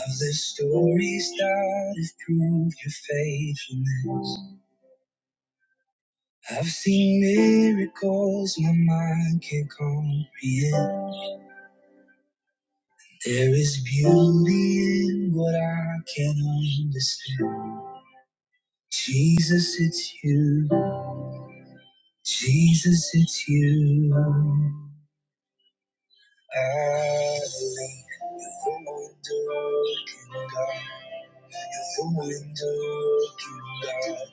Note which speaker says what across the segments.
Speaker 1: I've lived stories that have proved your faithfulness. I've seen miracles my mind can't comprehend. There is beauty in what I can't understand. Jesus, it's you. Jesus, it's you. I believe you're the window, open God. You're the window, open God.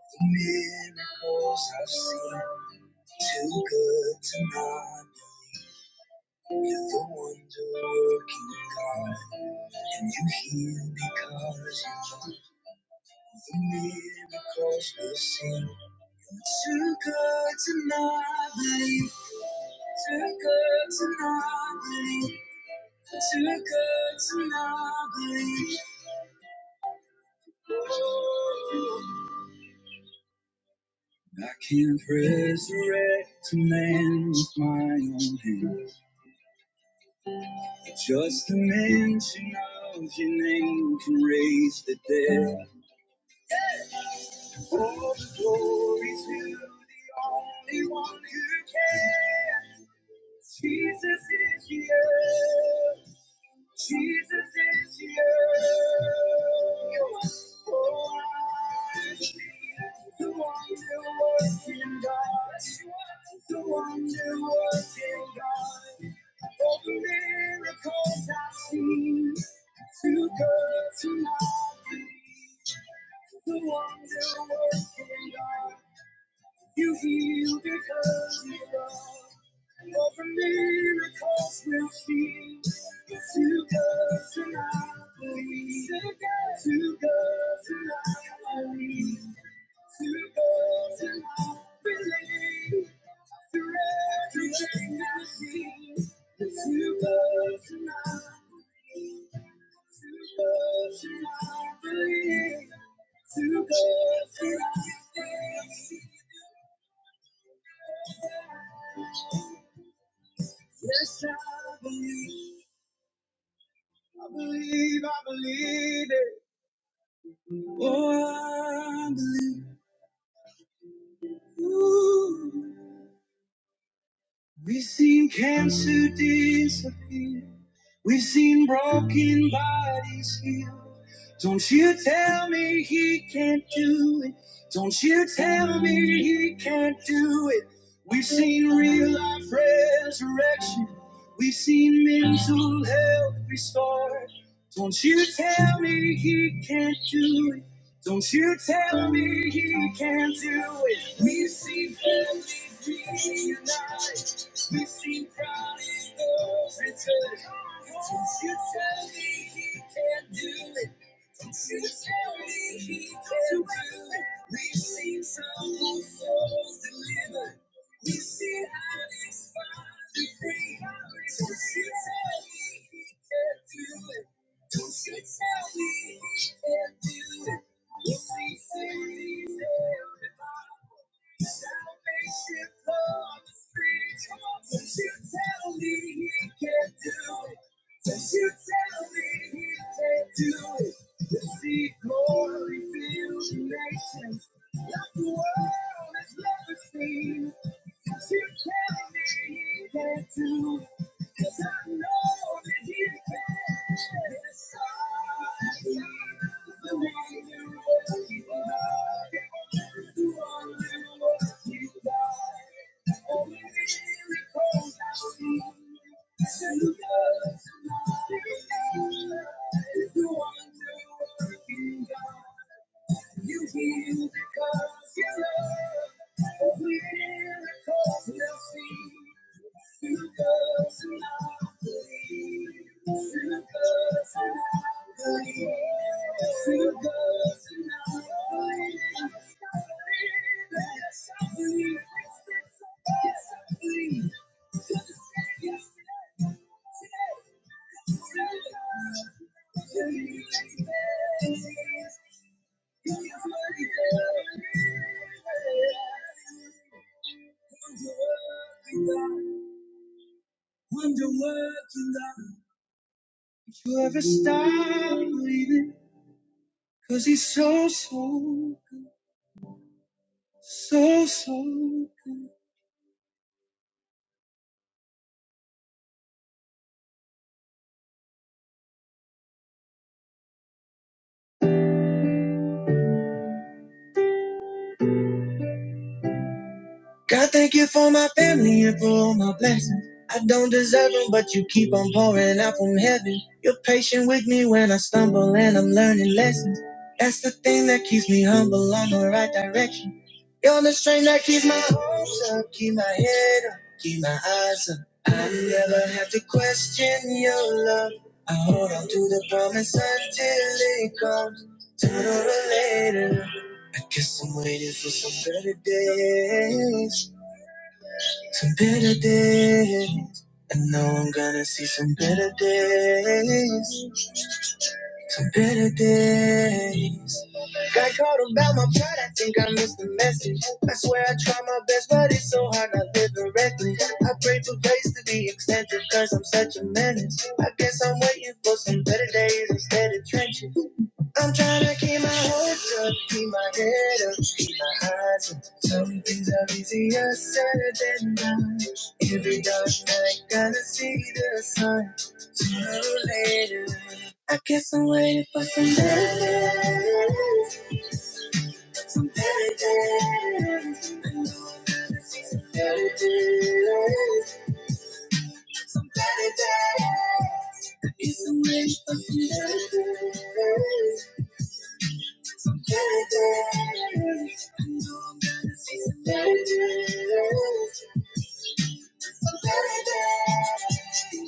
Speaker 1: The miracles I've seen. Too good to not believe you're the wonder working God. And you heal because you can. The miracles we'll sing. Too good to not believe. Too good to not believe. Too good to not believe. I can not resurrect a man with my own hands. Just the mention of your name can raise the dead. Oh, oh, I believe, I believe it. Oh, I believe. Ooh. We've seen cancer disappear. We've seen broken bodies healed. Don't you tell me he can't do it. Don't you tell me he can't do it. We've seen real life resurrection. We've seen mental health restored. Don't you tell me he can't do it. Don't you tell me he can't do it. We've seen wonder what you ever stop believing. Cause he's so, so So, so. good. God, thank you for my family and for all my blessings. I don't deserve them, but you keep on pouring out from heaven. You're patient with me when I stumble and I'm learning lessons. That's the thing that keeps me humble on the right direction. You're the strength that keeps my hopes up, keep my head up, keep my eyes up. I never have to question your love. I hold on to the promise until it comes. Sooner or later. I guess I'm waiting for some better days, some better days. I know I'm gonna see some better days, some better days. Got caught about my pride, I think I missed the message. I swear I try my best, but it's so hard not living reckless. I pray for grace to be extended, cause I'm such a menace. I guess I'm waiting for some better days instead of trenches. I'm trying to keep my hopes up, keep my head up. keep my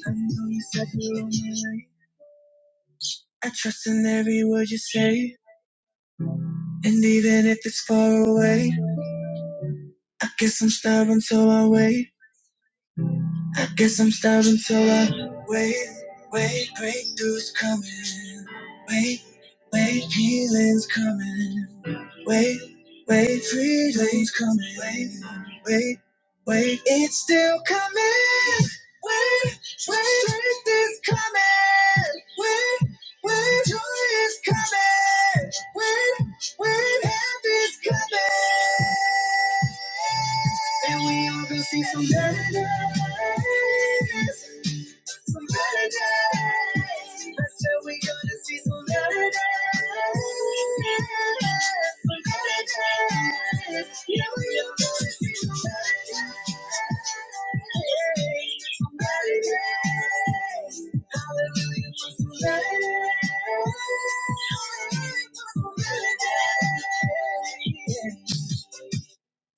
Speaker 1: I know you said you were mine. I trust in every word you say, and even if it's far away, I guess I'm stubborn So I wait. I guess I'm stubborn So I wait. Wait, breakthroughs coming. Wait, wait, healing's coming. Wait, wait, freedom's coming. Wait, wait, wait, it's still coming. Wait, coming. Wait, wait, joy is coming. Wait.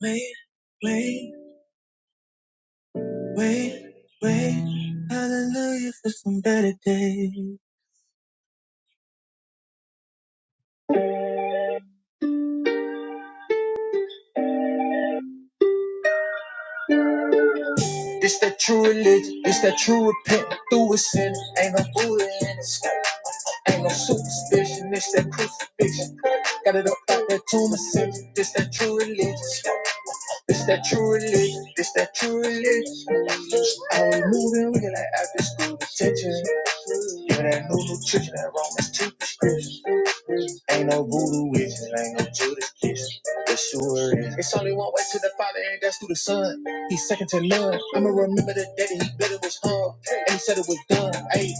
Speaker 1: Wait, wait, wait, wait. Hallelujah for some better days. It's that true religion. It's that true repent through a sin. Ain't no Buddha in the sky. Ain't no superstition. It's that crucifixion. Got it up out that tomb of sin. It's that true religion. It's that true religion. It's that true religion. I was moving, We like after school detention. Yeah, that new nutrition, that Romans 2 prescription. Ain't no voodoo witches, ain't no Judas kiss. It sure is. It's only one way to the Father, and that's through the Son. He's second to none. I'ma remember the day that he better was hung, and he said it was done. Ayy,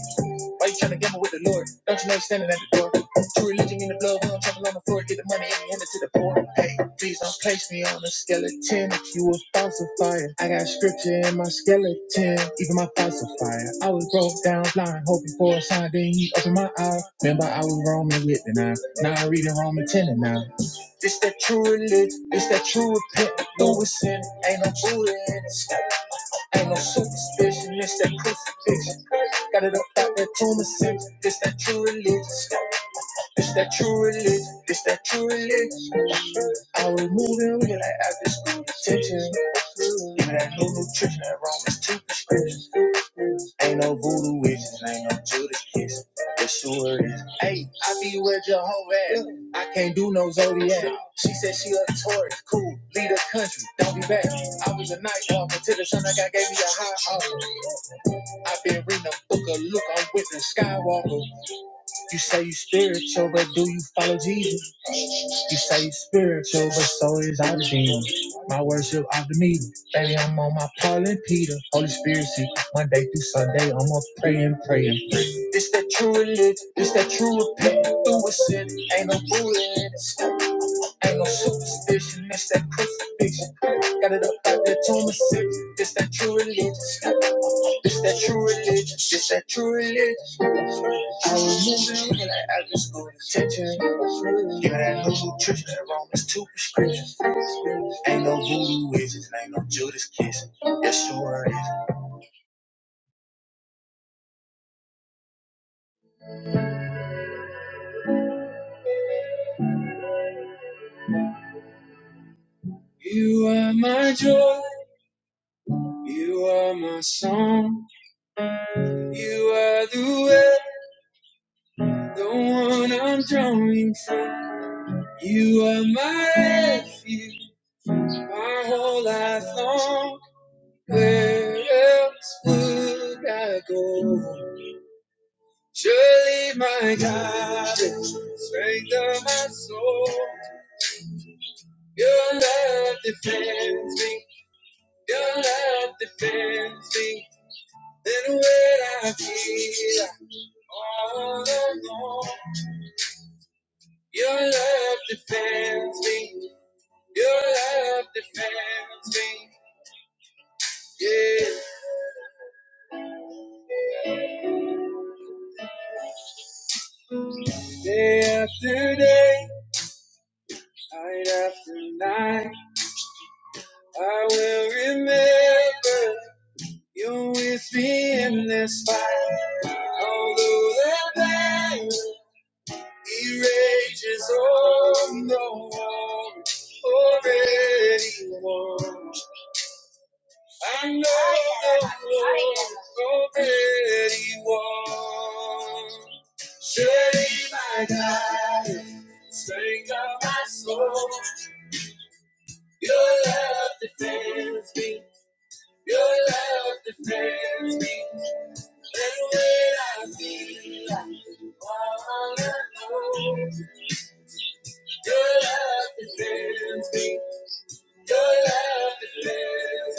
Speaker 1: why you tryna gamble with the Lord? Don't you know he's standing at the door? True religion in the blood, we don't trample on the floor. Get the money and hand it to the poor. Hey, please don't place me on a skeleton. If you a falsifier, I got scripture in my skeleton. Even my falsifier. I was broke down blind, hoping for a sign. Then he opened my eyes. Remember, I was roaming with the nine. Now I'm reading Roman 10 and 9. This that true religion, it's that true repentance. Through a sin, ain't no Buddha in it. Ain't no superstition, It's that crucifixion. Got it up out there, Thomason. It's that true religion. It's that true religion. It's that true religion. I was moving real like after school detention. Give me that new nutrition, that Romans 2 prescription. Ain't no voodoo witches, ain't no Judas kiss. It sure is. Hey, I be with Jehovah at. I can't do no zodiac. She said she a Taurus, cool, lead the country, don't be back. I was a night walker till the sun. I got gave me a high offer. i been reading a book of Luke, I'm with the Skywalker. You say you spiritual, but do you follow Jesus? You say you spiritual, but so is our demon. My worship of the meeting. Baby, I'm on my Paul and Peter. Holy Spirit, see, Monday through Sunday, I'm up praying, praying. This that true religion, this that true repentance. Through a sin, ain't no fool in it. Ain't no superstition, it's that crucifixion. Got it up out there, tomb of six. This that true religion. It's that true religion. It's that true religion. I remember when like I just go to church. Give Yeah, that new nutrition, that Romans 2 prescriptions. Ain't no voodoo witches, ain't no Judas kissing. Yes, sure is. You are my joy. You are my song. You are the way, the one I'm drawing from. You are my refuge, my whole life long. Where else would I go? Surely my God is the strength of my soul. Your love defends me. Your love defends me. Then when I feel I'm all alone, your love defends me. Your love defends me. Yeah, day after day, night after night. I will remember you with me in this fight. Although the battle he rages on, no one already won. I know that already won. Surely my God, strength of my soul, your love defends me. Your love defends me. Your love defends me. Your love defends me. Your love, your love,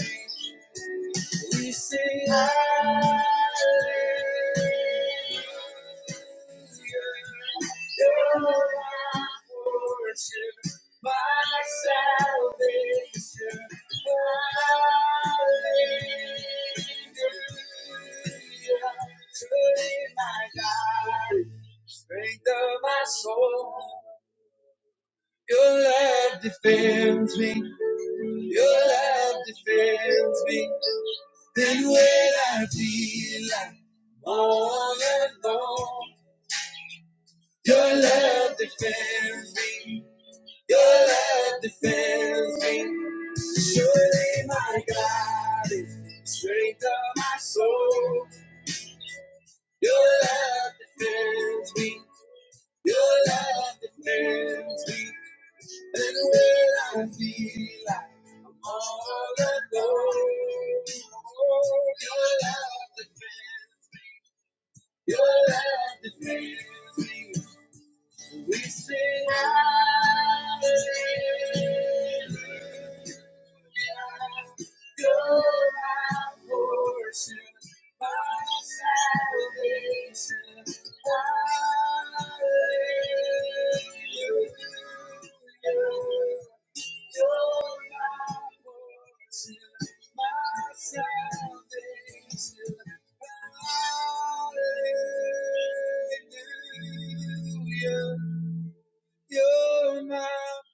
Speaker 1: you're my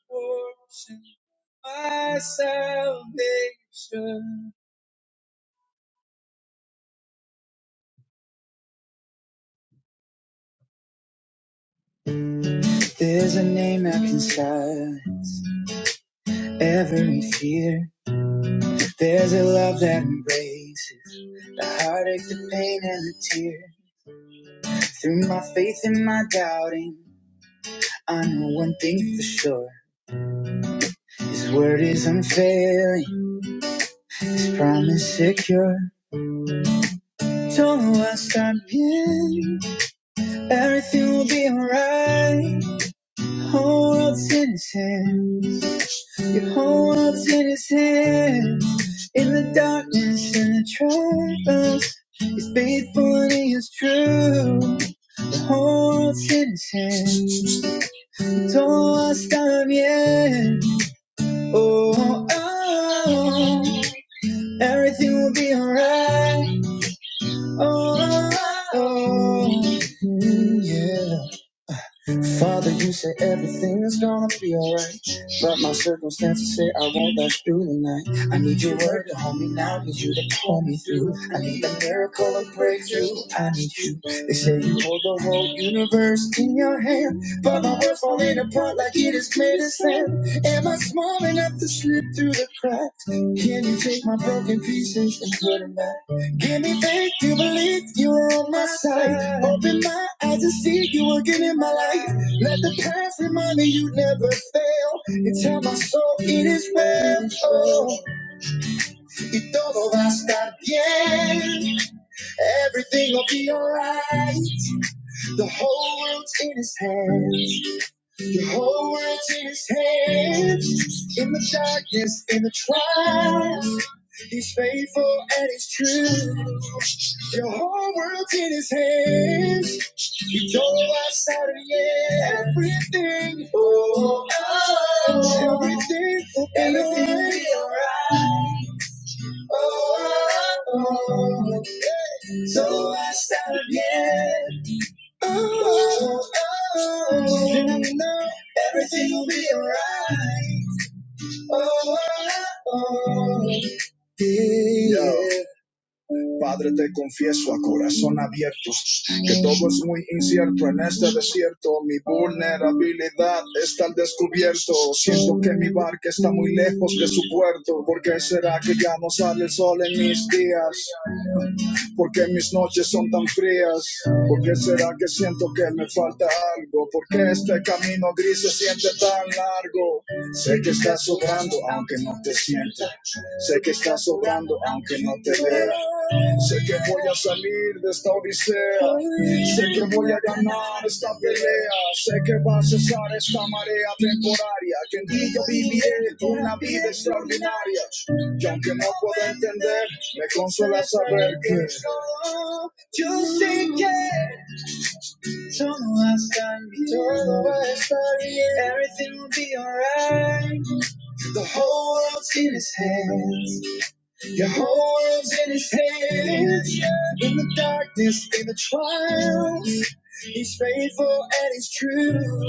Speaker 1: portion, my salvation. There's a name that can silence every fear. There's a love that embraces the heartache, the pain, and the tear. Through my faith and my doubting, I know one thing for sure. His word is unfailing, His promise secure. Don't know where I'll start again. Everything will be alright. Whole world's innocent. Your whole world's in his hands. In the darkness and the troubles, he's faithful and he is true. The whole world's in his hands. Todo está bien. Oh, oh, oh. everything will be alright. Oh, oh, oh. Mm, yeah. Father, you say everything's gonna be alright. But my circumstances say I won't last through the night. I need your word to hold me now, need you to pull me through. I need a miracle and breakthrough. I need you. They say you hold the whole universe in your hand. But my world's falling apart like it is made of sand. Am I small enough to slip through the cracks? Can you take my broken pieces and put them back? Give me faith to believe you are on my side. Open my eyes to see you again in my life. Let the past remind me you never fail. And tell my soul it is well. Oh, y todo va a estar bien. Everything will be alright. The whole world's in his hands. The whole world's in his hands. In the trials, he's faithful and every oh, I'm thankful. Oh, so va a estar bien. Yo. Padre, te confieso a corazón abiertos que todo es muy incierto en este desierto. Mi vulnerabilidad está al descubierto. Siento que mi barca está muy lejos de su puerto. ¿Por qué será que ya no sale el sol en mis días? ¿Por qué mis noches son tan frías? ¿Por qué será que siento que me falta algo? ¿Por qué este camino gris se siente tan largo? Sé que estás sobrando aunque no te sienta. Sé que estás sobrando aunque no te vea. Sé que voy a salir de esta odisea. Sé que voy a ganar esta pelea. Sé que va a cesar esta marea temporaria. Que en ti yo viviré una vida extraordinaria. Y aunque no puedo entender, me consuela saber que yo sé que solo hasta mi todo va a estar bien. Everything will be alright. The whole world's in his hands. Your whole world's in his hands. In the darkness, in the trials, he's faithful and he's true.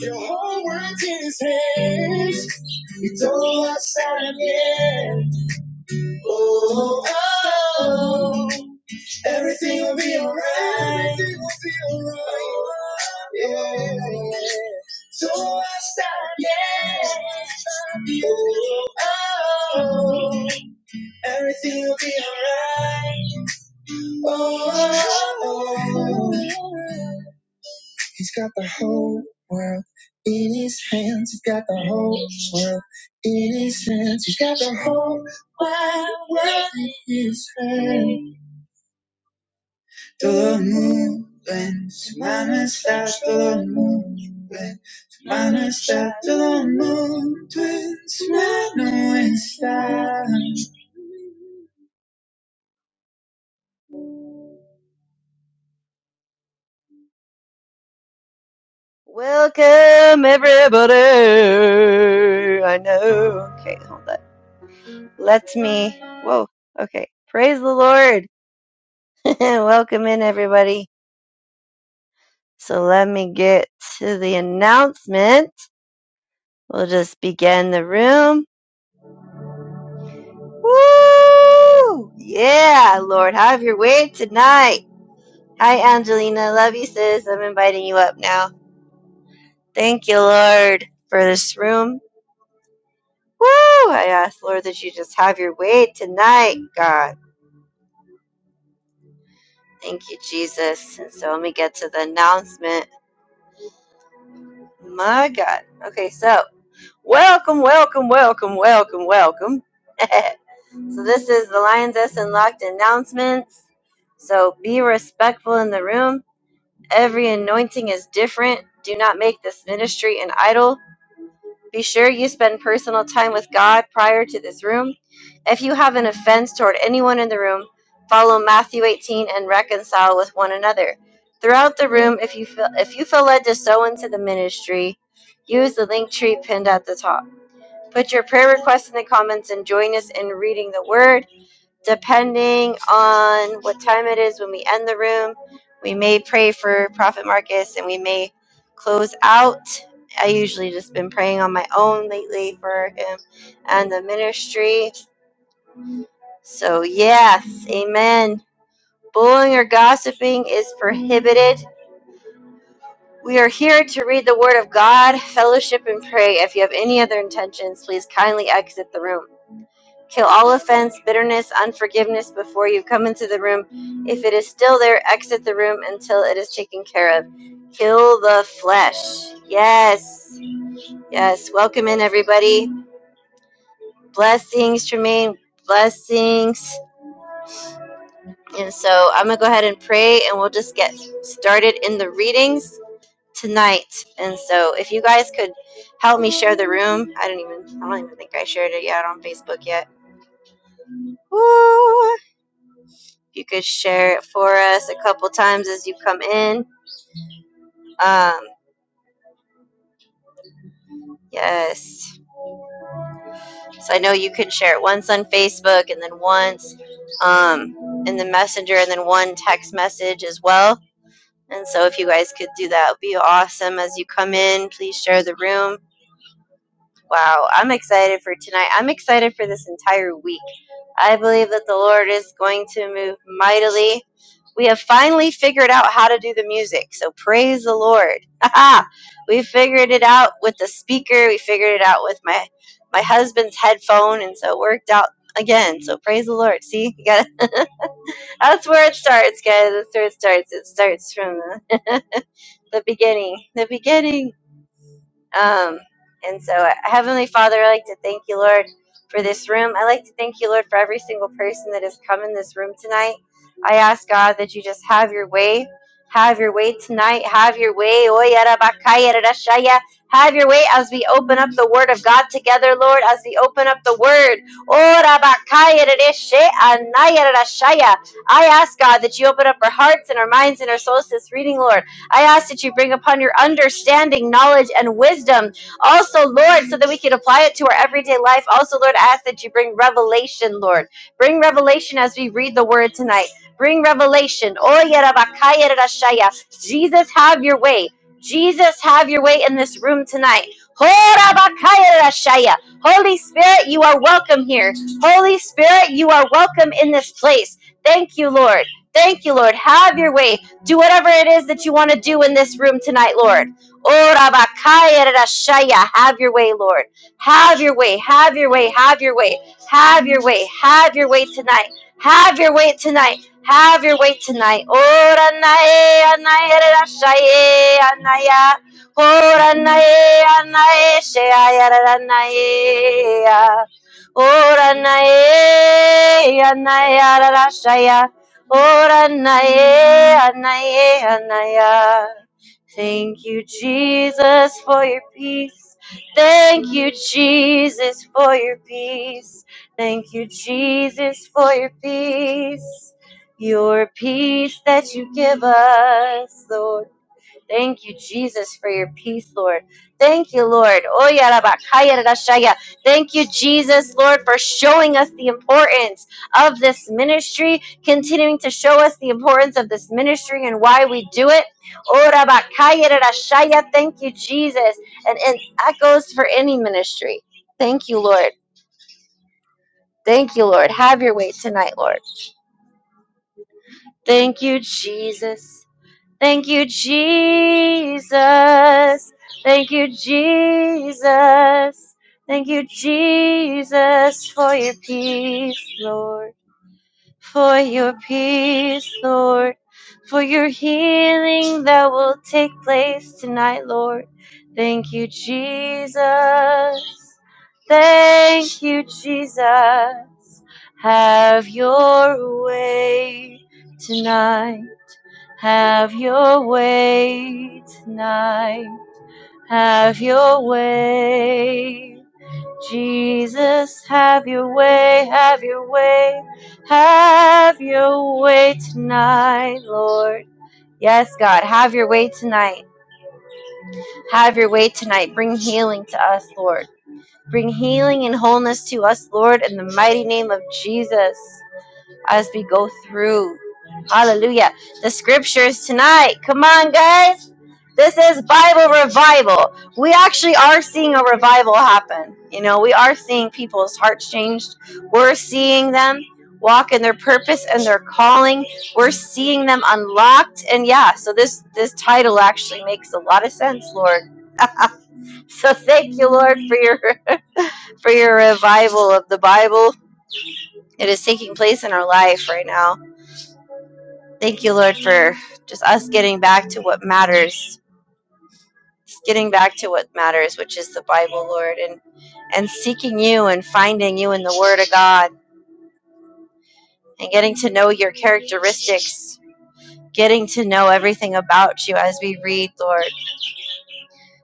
Speaker 1: Your whole world's in his hands. You don't outside of it. Everything Todo el mundo, semana está todo el mundo, semana está todo el mundo, en semana está.
Speaker 2: Welcome everybody. I know. Okay, hold on. Let me. Whoa. Okay. Praise the Lord. Welcome in everybody. So let me get to the announcement. We'll just begin the room. Woo! Yeah, Lord, have your way tonight. Hi, Angelina. Love you, sis. I'm inviting you up now. Thank you, Lord, for this room. Woo! I ask, Lord, that you just have your way tonight, God. Thank you, Jesus. And so let me get to the announcement. My God. Okay, so welcome, welcome, welcome, welcome, welcome. so this is the Lions Unlocked announcements. So be respectful in the room. Every anointing is different. Do not make this ministry an idol. Be sure you spend personal time with God prior to this room. If you have an offense toward anyone in the room, follow Matthew 18 and reconcile with one another. Throughout the room, if you feel if you feel led to sow into the ministry, use the link tree pinned at the top. Put your prayer requests in the comments and join us in reading the word depending on what time it is when we end the room, we may pray for Prophet Marcus and we may close out. I usually just been praying on my own lately for him and the ministry. So, yes, amen. Bullying or gossiping is prohibited. We are here to read the Word of God, fellowship, and pray. If you have any other intentions, please kindly exit the room. Kill all offense, bitterness, unforgiveness before you come into the room. If it is still there, exit the room until it is taken care of. Kill the flesh. Yes. Yes. Welcome in, everybody. Blessings, Tremaine. Blessings. And so I'm going to go ahead and pray and we'll just get started in the readings tonight. And so if you guys could help me share the room, I don't even, I don't even think I shared it yet on Facebook yet. Woo! you could share it for us a couple times as you come in. Um, yes. So I know you can share it once on Facebook and then once um, in the messenger and then one text message as well. And so if you guys could do that, it would be awesome. As you come in, please share the room Wow, I'm excited for tonight. I'm excited for this entire week. I believe that the Lord is going to move mightily. We have finally figured out how to do the music, so praise the Lord. we figured it out with the speaker. We figured it out with my my husband's headphone, and so it worked out again. So praise the Lord. See, you got that's where it starts, guys. That's where it starts. It starts from the, the beginning. The beginning. Um, and so, uh, Heavenly Father, I like to thank you, Lord, for this room. I like to thank you, Lord, for every single person that has come in this room tonight. I ask God that you just have your way. Have your way tonight. Have your way. Oy, yada, Have your way as we open up the Word of God together, Lord, as we open up the Word. Ora, bakaya, I ask God that you open up our hearts and our minds and our souls to this reading, Lord. I ask that you bring upon your understanding, knowledge, and wisdom. Also, Lord, so that we can apply it to our everyday life. Also, Lord, I ask that you bring revelation, Lord. Bring revelation as we read the word tonight. Bring revelation. Oya rabakaya rashaya. Jesus, have your way. Jesus, have your way in this room tonight. Hora bakaya rashaya. Holy Spirit, you are welcome here. Holy Spirit, you are welcome in this place. Thank you, Lord. Thank you, Lord. Have your way. Do whatever it is that you want to do in this room tonight, Lord. Ora bakaya rashaya. Have your way, Lord. Have your way. Have your way. Have your way. Have your way. Have your way tonight. Have your way tonight. Have your way tonight. Ora nae anae rashaye anaya. Ora nae anae shaya ranaya. Ora nae anaya rashaya. Ora nae, anaye, anaya. Thank you, Jesus, for your peace. Thank you, Jesus, for your peace. Thank you, Jesus, for your peace. Your peace that you give us, Lord. Thank you, Jesus, for your peace, Lord. Thank you, Lord. Oh, yeah, Thank you, Jesus, Lord, for showing us the importance of this ministry, continuing to show us the importance of this ministry and why we do it. Oh, Thank you, Jesus. And, and that goes for any ministry. Thank you, Lord. Thank you, Lord. Have your way tonight, Lord. Thank you, Jesus. Thank you, Jesus. Thank you, Jesus. Thank you, Jesus, for your peace, Lord. For your peace, Lord. For your healing that will take place tonight, Lord. Thank you, Jesus. Thank you, Jesus. Have your way tonight. Have your way tonight. Have your way. Jesus, have your way, have your way, have your way tonight, Lord. Yes, God, have your way tonight. Have your way tonight. Bring healing to us, Lord. Bring healing and wholeness to us, Lord, in the mighty name of Jesus as we go through. Hallelujah. The scriptures tonight. Come on, guys. This is Bible revival. We actually are seeing a revival happen. You know, we are seeing people's hearts changed. We're seeing them walk in their purpose and their calling. We're seeing them unlocked. And yeah, so this this title actually makes a lot of sense, Lord. So thank you, Lord, for your for your revival of the Bible. It is taking place in our life right now Thank you, Lord, for just us getting back to what matters, getting back to what matters, which is the Bible, Lord, and and seeking you and finding you in the Word of God and getting to know your characteristics, getting to know everything about you as we read, Lord.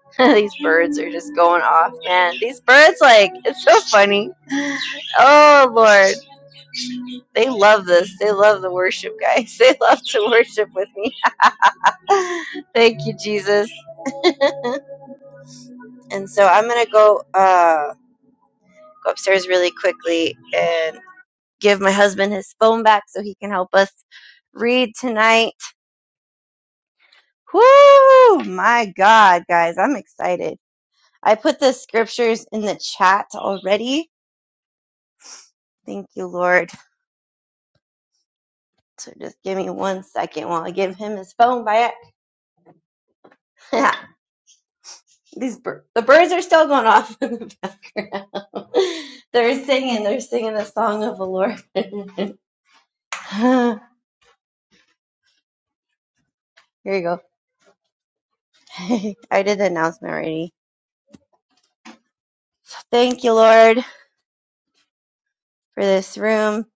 Speaker 2: These birds are just going off, man. These birds, like, it's so funny. Oh, Lord. They love this. They love the worship, guys. They love to worship with me. Thank you, Jesus. And so I'm going to go. Uh, go upstairs really quickly and give my husband his phone back so he can help us read tonight. Whoo! My God, guys, I'm excited. I put the scriptures in the chat already. Thank you, Lord. So just give me one second while I give him his phone back. These bir- the birds are still going off in the background. they're singing. They're singing the song of the Lord. Here you go. I did the announcement already. Thank you, Lord. for this room.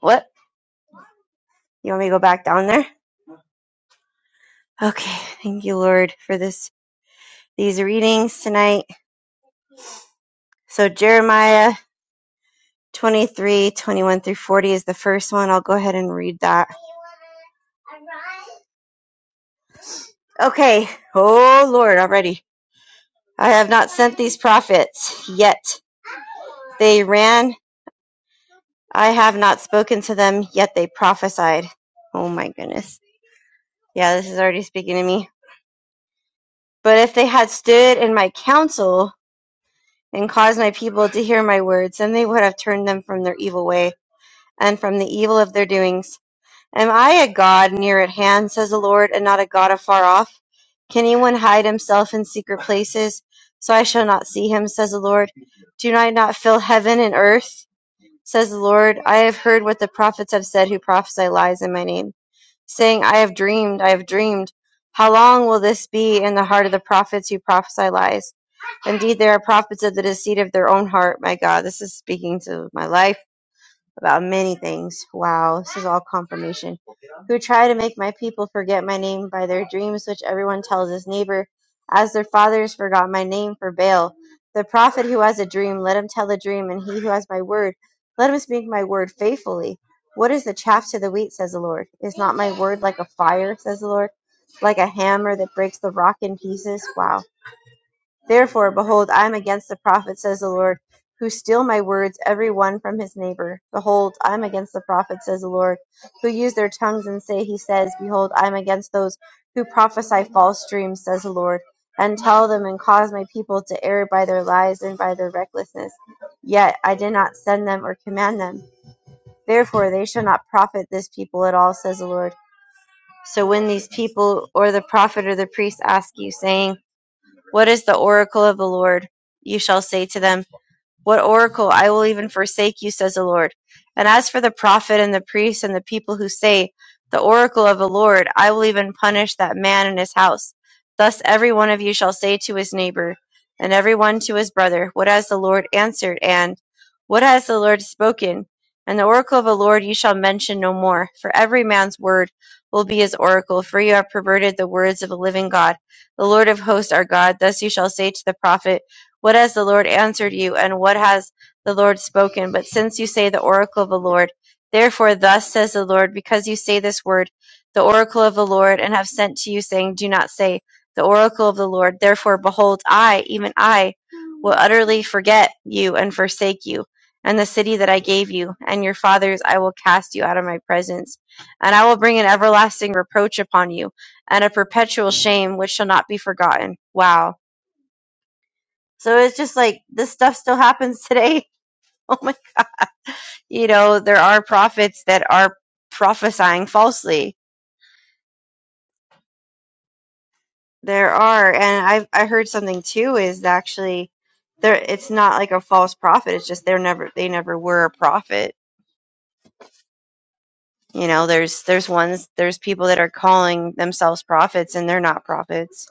Speaker 2: What? You want me to go back down there? Okay. Thank you, Lord, for this these readings tonight. So Jeremiah 23 21 through 40 is the first one. I'll go ahead and read that. Okay. Oh, Lord, already. I have not sent these prophets yet. They ran. I have not spoken to them yet. They prophesied. Oh, my goodness. Yeah, this is already speaking to me. But if they had stood in my counsel and caused my people to hear my words, then they would have turned them from their evil way and from the evil of their doings. Am I a God near at hand, says the Lord, and not a God afar off? Can anyone hide himself in secret places, so I shall not see him, says the Lord? Do I not fill heaven and earth, says the Lord? I have heard what the prophets have said who prophesy lies in my name saying, I have dreamed, I have dreamed. How long will this be in the heart of the prophets who prophesy lies? Indeed, they are prophets of the deceit of their own heart. My God, this is speaking to my life about many things. Wow, this is all confirmation. Who try to make my people forget my name by their dreams, which everyone tells his neighbor, as their fathers forgot my name for Baal. The prophet who has a dream, let him tell the dream, and he who has my word, let him speak my word faithfully. What is the chaff to the wheat, says the Lord? Is not my word like a fire, says the Lord, like a hammer that breaks the rock in pieces? Wow. Therefore, behold, I am against the prophets, says the Lord, who steal my words, every one from his neighbor. Behold, I am against the prophets, says the Lord, who use their tongues and say, He says, Behold, I am against those who prophesy false dreams, says the Lord, and tell them and cause my people to err by their lies and by their recklessness. Yet I did not send them or command them. Therefore, they shall not profit this people at all, says the Lord. So when these people or the prophet or the priest ask you, saying, what is the oracle of the Lord? You shall say to them, what oracle? I will even forsake you, says the Lord. And as for the prophet and the priest and the people who say, The oracle of the Lord, I will even punish that man and his house. Thus every one of you shall say to his neighbor, and every one to his brother, What has the Lord answered? And What has the Lord spoken? And the oracle of the Lord you shall mention no more, for every man's word will be his oracle, for you have perverted the words of the living God, the Lord of hosts our God. Thus you shall say to the prophet, what has the Lord answered you, and what has the Lord spoken? But since you say the oracle of the Lord, therefore thus says the Lord, because you say this word, the oracle of the Lord, and have sent to you, saying, Do not say the oracle of the Lord. Therefore, behold, I, even I, will utterly forget you and forsake you, and the city that I gave you, and your fathers I will cast you out of my presence, and I will bring an everlasting reproach upon you, and a perpetual shame which shall not be forgotten. Wow. So it's just like this stuff still happens today. Oh my, you know, there are prophets that are prophesying falsely. There are, and I've I heard something too is actually there. It's not like a false prophet. It's just they're never they never were a prophet. You know, there's there's ones there's people that are calling themselves prophets and they're not prophets.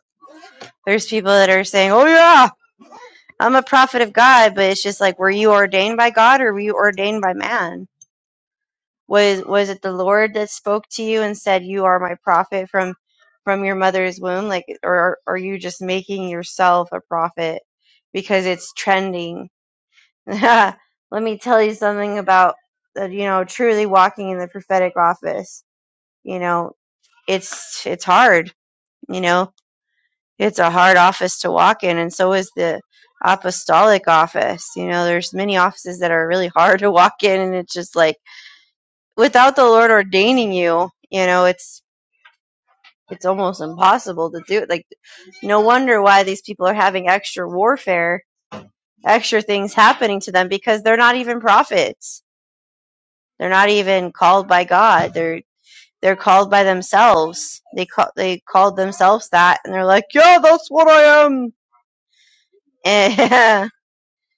Speaker 2: There's people that are saying, "Oh yeah, I'm a prophet of God," but it's just like, were you ordained by God or were you ordained by man? was was it the lord that spoke to you and said you are my prophet from from your mother's womb like or are you just making yourself a prophet because it's trending let me tell you something about uh, you know truly walking in the prophetic office you know it's it's hard you know it's a hard office to walk in and so is the apostolic office you know there's many offices that are really hard to walk in and it's just like without the Lord ordaining you, you know, it's it's almost impossible to do. Like no wonder why these people are having extra warfare, extra things happening to them because they're not even prophets. They're not even called by God. They're they're called by themselves. They call they called themselves that, and they're like, yeah, that's what I am. Eh,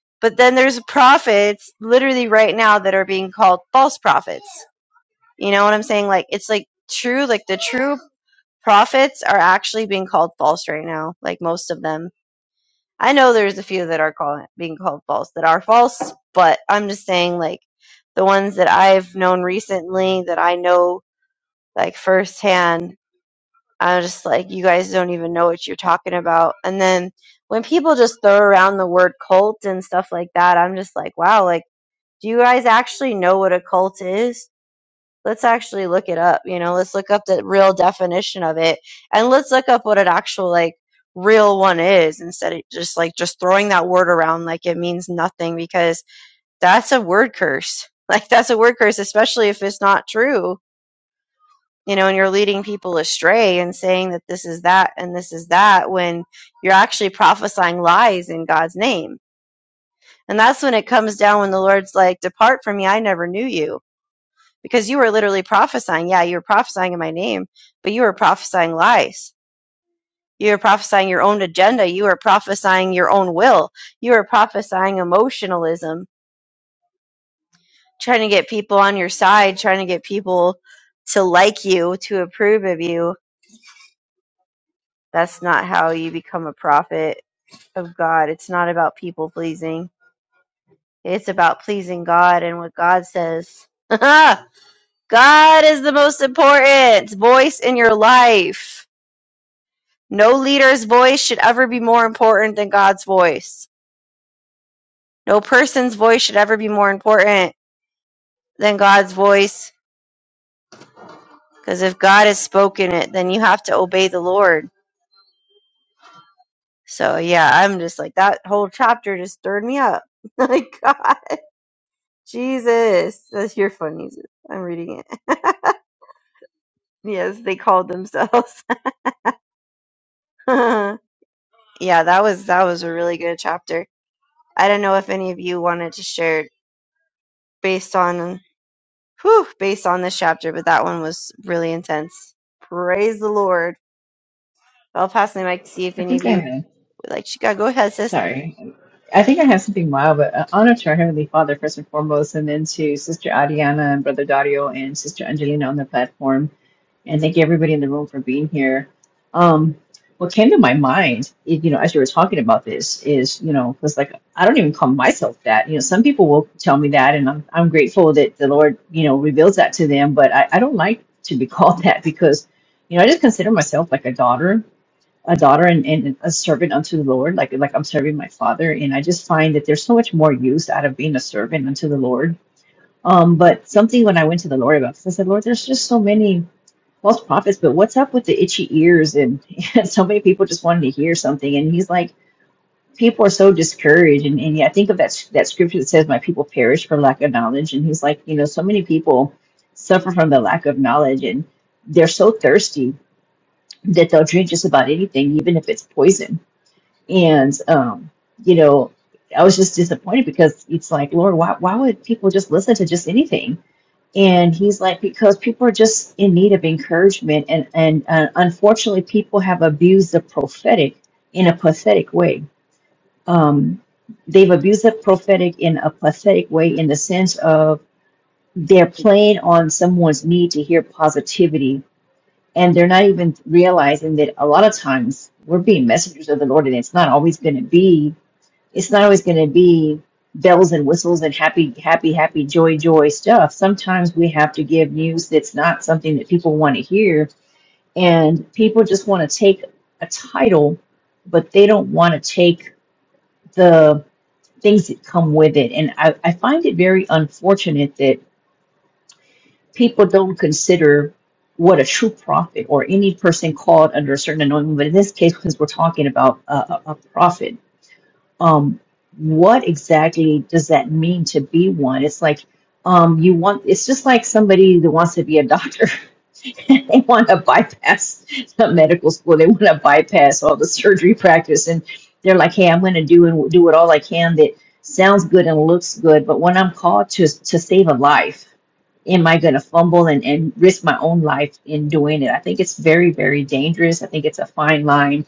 Speaker 2: but then there's prophets literally right now that are being called false prophets. You know what I'm saying? Like it's like true, like the true Prophets are actually being called false right now, like most of them. I know there's a few that are call, being called false that are false, but I'm just saying, like, the ones that I've known recently that I know, like, firsthand, I'm just like, you guys don't even know what you're talking about. And then when people just throw around the word cult and stuff like that, I'm just like, wow, like, do you guys actually know what a cult is? let's actually look it up you know let's look up the real definition of it and let's look up what an actual like real one is instead of just like just throwing that word around like it means nothing because that's a word curse like that's a word curse especially if it's not true you know and you're leading people astray and saying that this is that and this is that when you're actually prophesying lies in god's name and that's when it comes down when the lord's like depart from me i never knew you because you were literally prophesying. Yeah, you were prophesying in my name, but you were prophesying lies. You were prophesying your own agenda. You were prophesying your own will. You were prophesying emotionalism, trying to get people on your side, trying to get people to like you, to approve of you. That's not how you become a prophet of God. It's not about people pleasing, it's about pleasing God and what God says. God is the most important voice in your life. No leader's voice should ever be more important than God's voice. No person's voice should ever be more important than God's voice. Because if God has spoken it, then you have to obey the Lord. So yeah, I'm just like that whole chapter just stirred me up. Like God, Jesus, that's your phone, Jesus. I'm reading it. yes, they called themselves. yeah, that was that was a really good chapter. I don't know if any of you wanted to share based on. whew, based on this chapter, but that one was really intense. Praise the Lord. I'll pass the mic to see if
Speaker 3: I
Speaker 2: any of
Speaker 3: think
Speaker 2: you
Speaker 3: I have.
Speaker 2: would like Chicago. Go ahead, sis.
Speaker 3: Sorry. I think I have something wild, but uh, honor to our Heavenly Father first and foremost, and then to Sister Adiana and Brother Dario and Sister Angelina on the platform. And thank you everybody in the room for being here. Um, what came to my mind, i- you know, as you were talking about this is, you know, because like I don't even call myself that. You know, some people will tell me that, and I'm, I'm grateful that the Lord, you know, reveals that to them, but I, I don't like to be called that because, you know, I just consider myself like a daughter a daughter and, and a servant unto the Lord, like like I'm serving my father. And I just find that there's so much more use out of being a servant unto the Lord. Um, but something when I went to the Lord about this, I said, Lord, there's just so many false prophets, but what's up with the itchy ears and, and so many people just wanting to hear something? And he's like, people are so discouraged. And, and yeah, I think of that that scripture that says, My people perish for lack of knowledge. And he's like, you know, so many people suffer from the lack of knowledge and they're so thirsty that they'll drink just about anything, even if it's poison and um, you know, I was just disappointed because it's like, Lord, why why would people just listen to just anything? And he's like, because people are just in need of encouragement, and and uh, unfortunately, people have abused the prophetic in a pathetic way. Um, they've abused the prophetic in a pathetic way in the sense of they're playing on someone's need to hear positivity and they're not even realizing that a lot of times we're being messengers of the Lord, and it's not always going to be it's not always going to be bells and whistles and happy, happy, happy, joy, joy stuff. Sometimes we have to give news that's not something that people want to hear. And people just want to take a title, but they don't want to take the things that come with it. And I, I find it very unfortunate that people don't consider what a true prophet or any person called under a certain anointing, but in this case, because we're talking about a, a, a prophet um, what exactly does that mean to be one? It's like um, you want. It's just like somebody that wants to be a doctor. they want to bypass the medical school. They want to bypass all the surgery practice, and they're like, "Hey, I'm going to do and do it all I can that sounds good and looks good." But when I'm called to to save a life, am I going to fumble and, and risk my own life in doing it? I think it's very, very dangerous. I think it's a fine line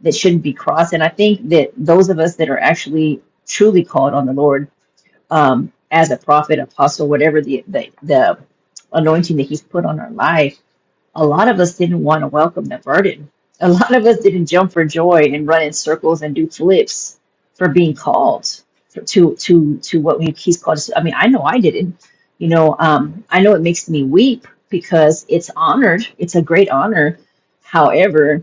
Speaker 3: that shouldn't be crossed. And I think that those of us that are actually truly called on the Lord um, as a prophet, apostle, whatever the, the the anointing that He's put on our life, a lot of us didn't want to welcome the burden. A lot of us didn't jump for joy and run in circles and do flips for being called for, to to to what we, He's called us. to. I mean, I know I didn't. You know, um, I know it makes me weep because it's honored. It's a great honor. However,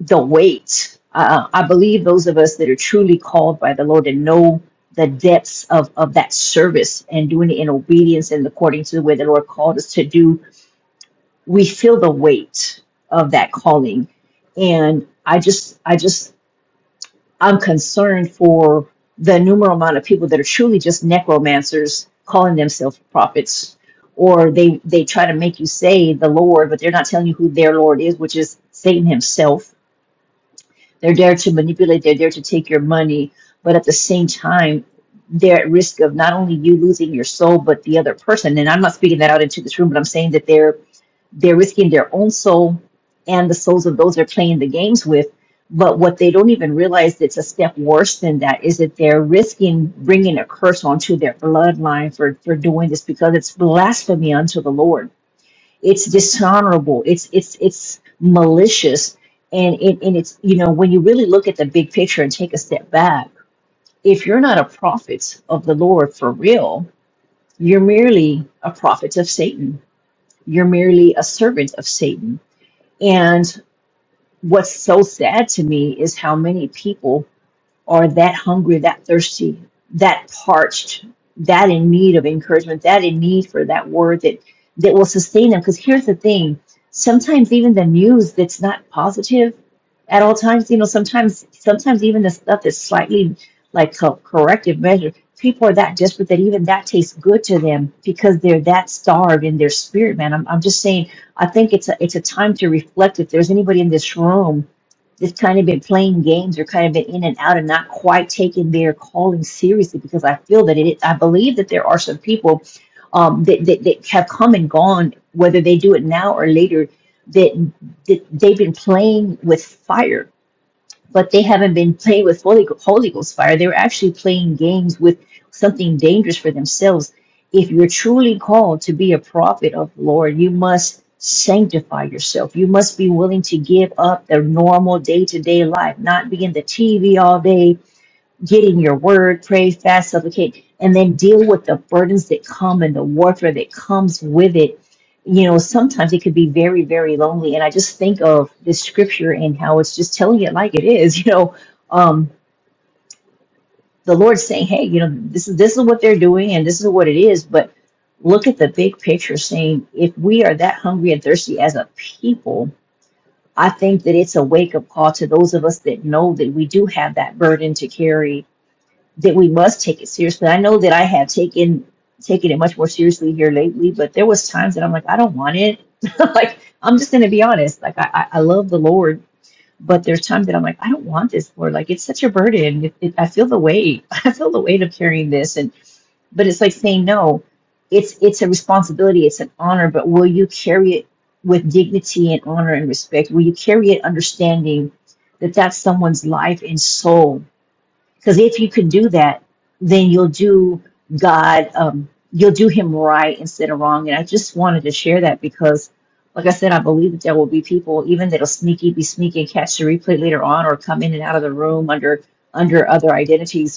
Speaker 3: the weight. Uh, I believe those of us that are truly called by the Lord and know the depths of, of that service and doing it in obedience and according to the way the Lord called us to do, we feel the weight of that calling. And I just, I just, I'm concerned for the numerous amount of people that are truly just necromancers calling themselves prophets, or they, they try to make you say the Lord, but they're not telling you who their Lord is, which is Satan himself they're there to manipulate, they're there to take your money, but at the same time, they're at risk of not only you losing your soul, but the other person. And I'm not speaking that out into this room, but I'm saying that they're they're risking their own soul and the souls of those they're playing the games with. But what they don't even realize it's a step worse than that is that they're risking bringing a curse onto their bloodline for, for doing this because it's blasphemy unto the Lord it's dishonorable it's it's it's malicious and it and it's you know when you really look at the big picture and take a step back if you're not a prophet of the lord for real you're merely a prophet of satan you're merely a servant of satan and what's so sad to me is how many people are that hungry, that thirsty, that parched, that in need of encouragement, that in need for that word that that will sustain them. Because here's the thing: sometimes even the news that's not positive at all times, you know, sometimes sometimes even the stuff that's slightly like co- corrective measure, people are that desperate that even that tastes good to them because they're that starved in their spirit, man. I'm, I'm just saying, I think it's a it's a time to reflect. If there's anybody in this room just kind of been playing games or kind of been in and out and not quite taking their calling seriously because I feel that it, I believe that there are some people um, that, that, that have come and gone, whether they do it now or later, that, that they've been playing with fire but they haven't been playing with Holy, Holy Ghost fire. They're actually playing games with something dangerous for themselves. If you're truly called to be a prophet of the Lord, you must sanctify yourself. You must be willing to give up the normal day to day life, not be in the TV all day, Get in your word, pray, fast, supplicate, and then deal with the burdens that come and the warfare that comes with it. You know, sometimes it could be very, very lonely. And I just think of this scripture and how it's just telling it like it is. You know, um, the Lord's saying, "Hey, you know, this is this is what they're doing, and this is what it is." But look at the big picture, saying, if we are that hungry and thirsty as a people, I think that it's a wake up call to those of us that know that we do have that burden to carry that we must take it seriously. I know that I have taken taken it much more seriously here lately, but there was times that I'm like, I don't want it. like I'm just gonna be honest. Like I, I I love the Lord, but there's times that I'm like, I don't want this, Lord. Like it's such a burden. It, it, I feel the weight. I feel the weight of carrying this, and but it's like saying no. It's it's a responsibility. It's an honor. But will you carry it with dignity and honor and respect? Will you carry it understanding that that's someone's life and soul? Because if you can do that, then you'll do God, um, you'll do Him right instead of wrong. And I just wanted to share that because, like I said, I believe that there will be people even that'll sneaky be sneaky and catch the replay later on, or come in and out of the room under under other identities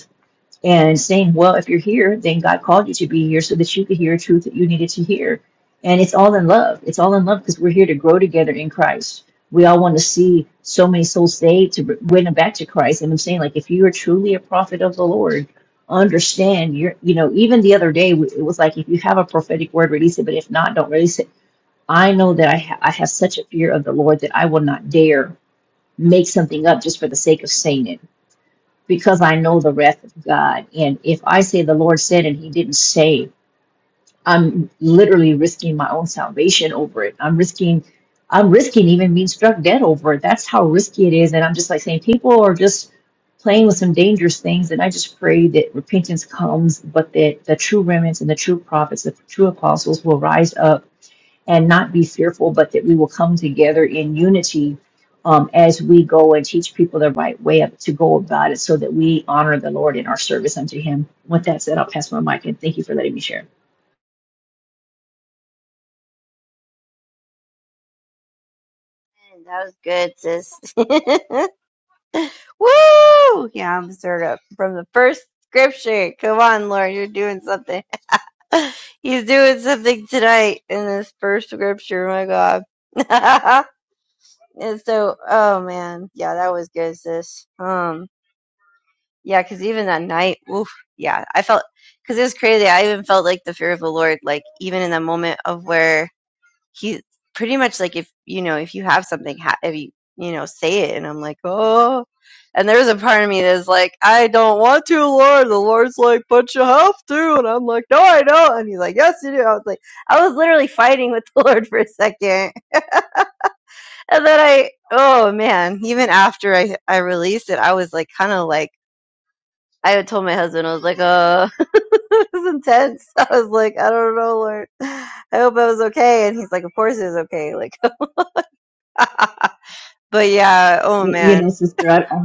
Speaker 3: and saying, well, if you're here, then God called you to be here so that you could hear truth that you needed to hear. And it's all in love. It's all in love because we're here to grow together in Christ. We all want to see so many souls saved to win them back to Christ. And I'm saying, like, if you are truly a prophet of the Lord, understand you're, you know, even the other day, it was like, if you have a prophetic word, release it. But if not, don't release it. I know that I, ha- I have such a fear of the Lord that I will not dare make something up just for the sake of saying it because I know the wrath of God. And if I say the Lord said and he didn't say, I'm literally risking my own salvation over it. I'm risking I'm risking even being struck dead over it. That's how risky it is. And I'm just like saying people are just playing with some dangerous things. And I just pray that repentance comes, but that the true remnants and the true prophets, the true apostles will rise up and not be fearful, but that we will come together in unity um, as we go and teach people the right way up to go about it so that we honor the Lord in our service unto Him. With that said, I'll pass my mic and thank you for letting me share.
Speaker 2: That was good, sis. Woo! Yeah, I'm stirred up from the first scripture. Come on, Lord, you're doing something. He's doing something tonight in this first scripture. My God. and so, oh man, yeah, that was good, sis. Um, Yeah, because even that night, oof, yeah, I felt because it was crazy. I even felt like the fear of the Lord, like even in the moment of where he pretty much like if you know if you have something, ha- if you you know say it, and I'm like, oh, and there was a part of me that's like, I don't want to, Lord. The Lord's like, but you have to, and I'm like, no, I don't, and he's like, yes, you do. I was like, I was literally fighting with the Lord for a second, and then I, oh man, even after I I released it, I was like, kind of like. I had told my husband, I was like, "Uh, was intense. I was like, I don't know, Lord. I hope I was okay. And he's like, Of course it was okay. Like, but yeah, oh
Speaker 3: Y- You
Speaker 2: man.
Speaker 3: know, sister, I, I,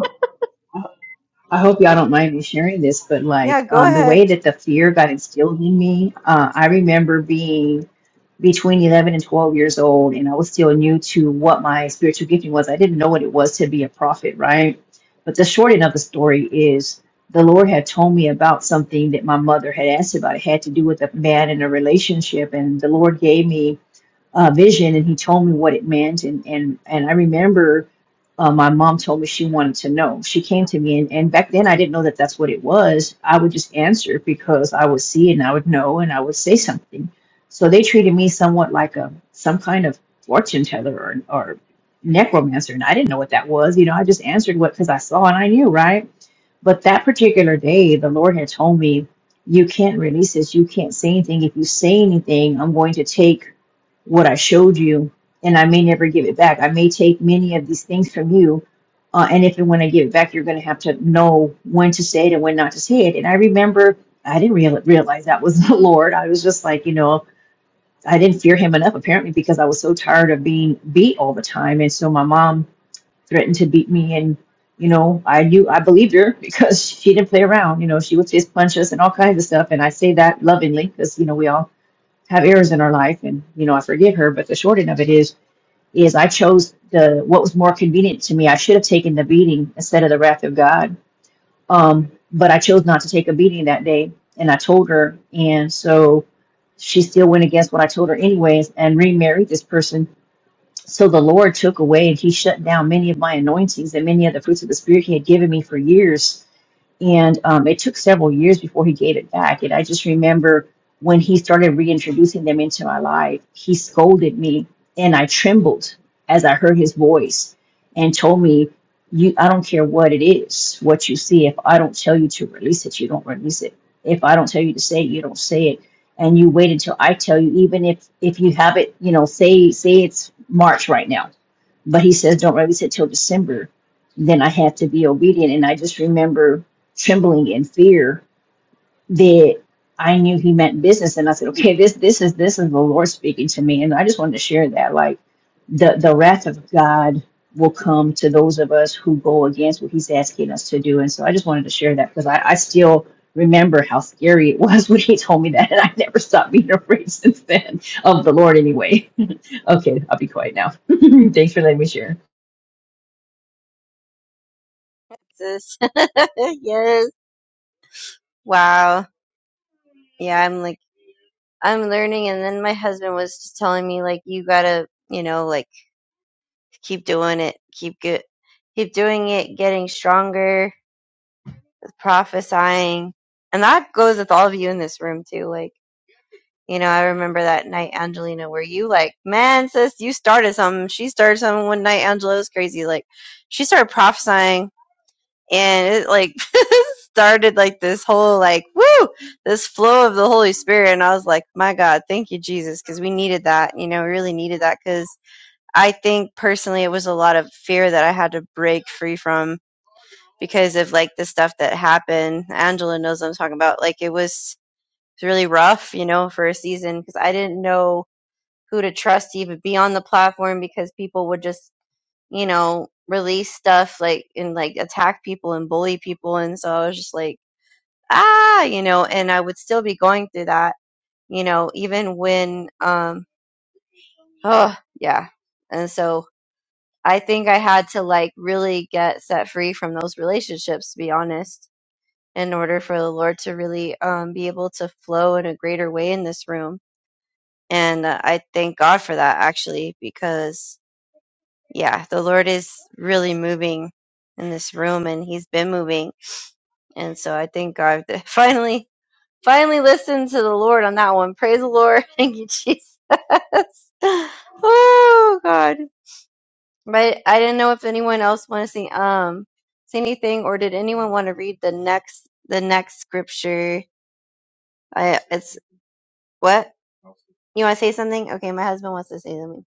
Speaker 3: ho- I hope y'all don't mind me sharing this, but like
Speaker 2: Yeah, go
Speaker 3: um, the
Speaker 2: ahead,
Speaker 3: way that the fear got instilled in me, uh, I remember being between 11 and 12 years old and i was still new to what my spiritual gifting was i didn't know what it was to be a prophet right but the short end of the story is the lord had told me about something that my mother had asked about it had to do with a man in a relationship and the lord gave me uh, vision and he told me what it meant and and and I remember uh, my mom told me she wanted to know she came to me and, and back then I didn't know that that's what it was I would just answer because I would see and I would know and I would say something so they treated me somewhat like a some kind of fortune teller or, or necromancer and I didn't know what that was you know I just answered what because I saw and I knew right but that particular day the Lord had told me you can't release this you can't say anything if you say anything I'm going to take what I showed you, and I may never give it back. I may take many of these things from you, uh, and if and when I give it back, you're going to have to know when to say it and when not to say it. And I remember I didn't real- realize that was the Lord. I was just like, you know, I didn't fear Him enough apparently because I was so tired of being beat all the time, and so my mom threatened to beat me and. You know, I knew I believed her because she didn't play around. You know, she would fist punch us and all kinds of stuff. And I say that lovingly because you know we all have errors in our life and you know i forgive her but the short end of it is is i chose the what was more convenient to me i should have taken the beating instead of the wrath of god um but i chose not to take a beating that day and i told her and so she still went against what i told her anyways and remarried this person so the lord took away and he shut down many of my anointings and many of the fruits of the spirit he had given me for years and um, it took several years before he gave it back. And I just remember when he started reintroducing them into my life, he scolded me and I trembled as I heard his voice and told me, you, I don't care what it is, what you see. If I don't tell you to release it, you don't release it. If I don't tell you to say it, you don't say it. And you wait until I tell you, even if, if you have it, you know, say, say it's March right now but he says, don't release it till December. Then I have to be obedient. And I just remember trembling in fear that I knew he meant business. And I said, okay, this, this is, this is the Lord speaking to me. And I just wanted to share that. Like the, the wrath of God will come to those of us who go against what he's asking us to do. And so I just wanted to share that because I, I still remember how scary it was when he told me that. And I never stopped being afraid since then of the Lord anyway. okay. I'll be quiet now. Thanks for letting me share.
Speaker 2: sis. yes. Wow. Yeah, I'm like, I'm learning. And then my husband was just telling me, like, you gotta, you know, like, keep doing it, keep good, keep doing it, getting stronger, prophesying. And that goes with all of you in this room too. Like, You know, I remember that night, Angelina, where you like, man, sis, you started something. She started something one night. Angela was crazy. Like, she started prophesying, and it like started like this whole like, woo, this flow of the Holy Spirit. And I was like, my God, thank you, Jesus, because we needed that. You know, we really needed that because I think personally it was a lot of fear that I had to break free from because of like the stuff that happened. Angela knows what I'm talking about. Like, it was. really rough, you know, for a season because I didn't know who to trust to even be on the platform because people would just, you know, release stuff like and like attack people and bully people. And so I was just like, ah, you know, and I would still be going through that, you know, even when, um, oh, yeah. And so I think I had to like really get set free from those relationships, to be honest, in order for the Lord to really um, be able to flow in a greater way in this room. And uh, I thank God for that actually, because yeah, the Lord is really moving in this room and he's been moving. And so I thank God that finally, finally listened to the Lord on that one. Praise the Lord. Thank you, Jesus. oh God. But I didn't know if anyone else wanted to see, um, say anything or did anyone want to read the next, the next scripture? I, it's what? You want to say something? Okay. My husband wants to say something.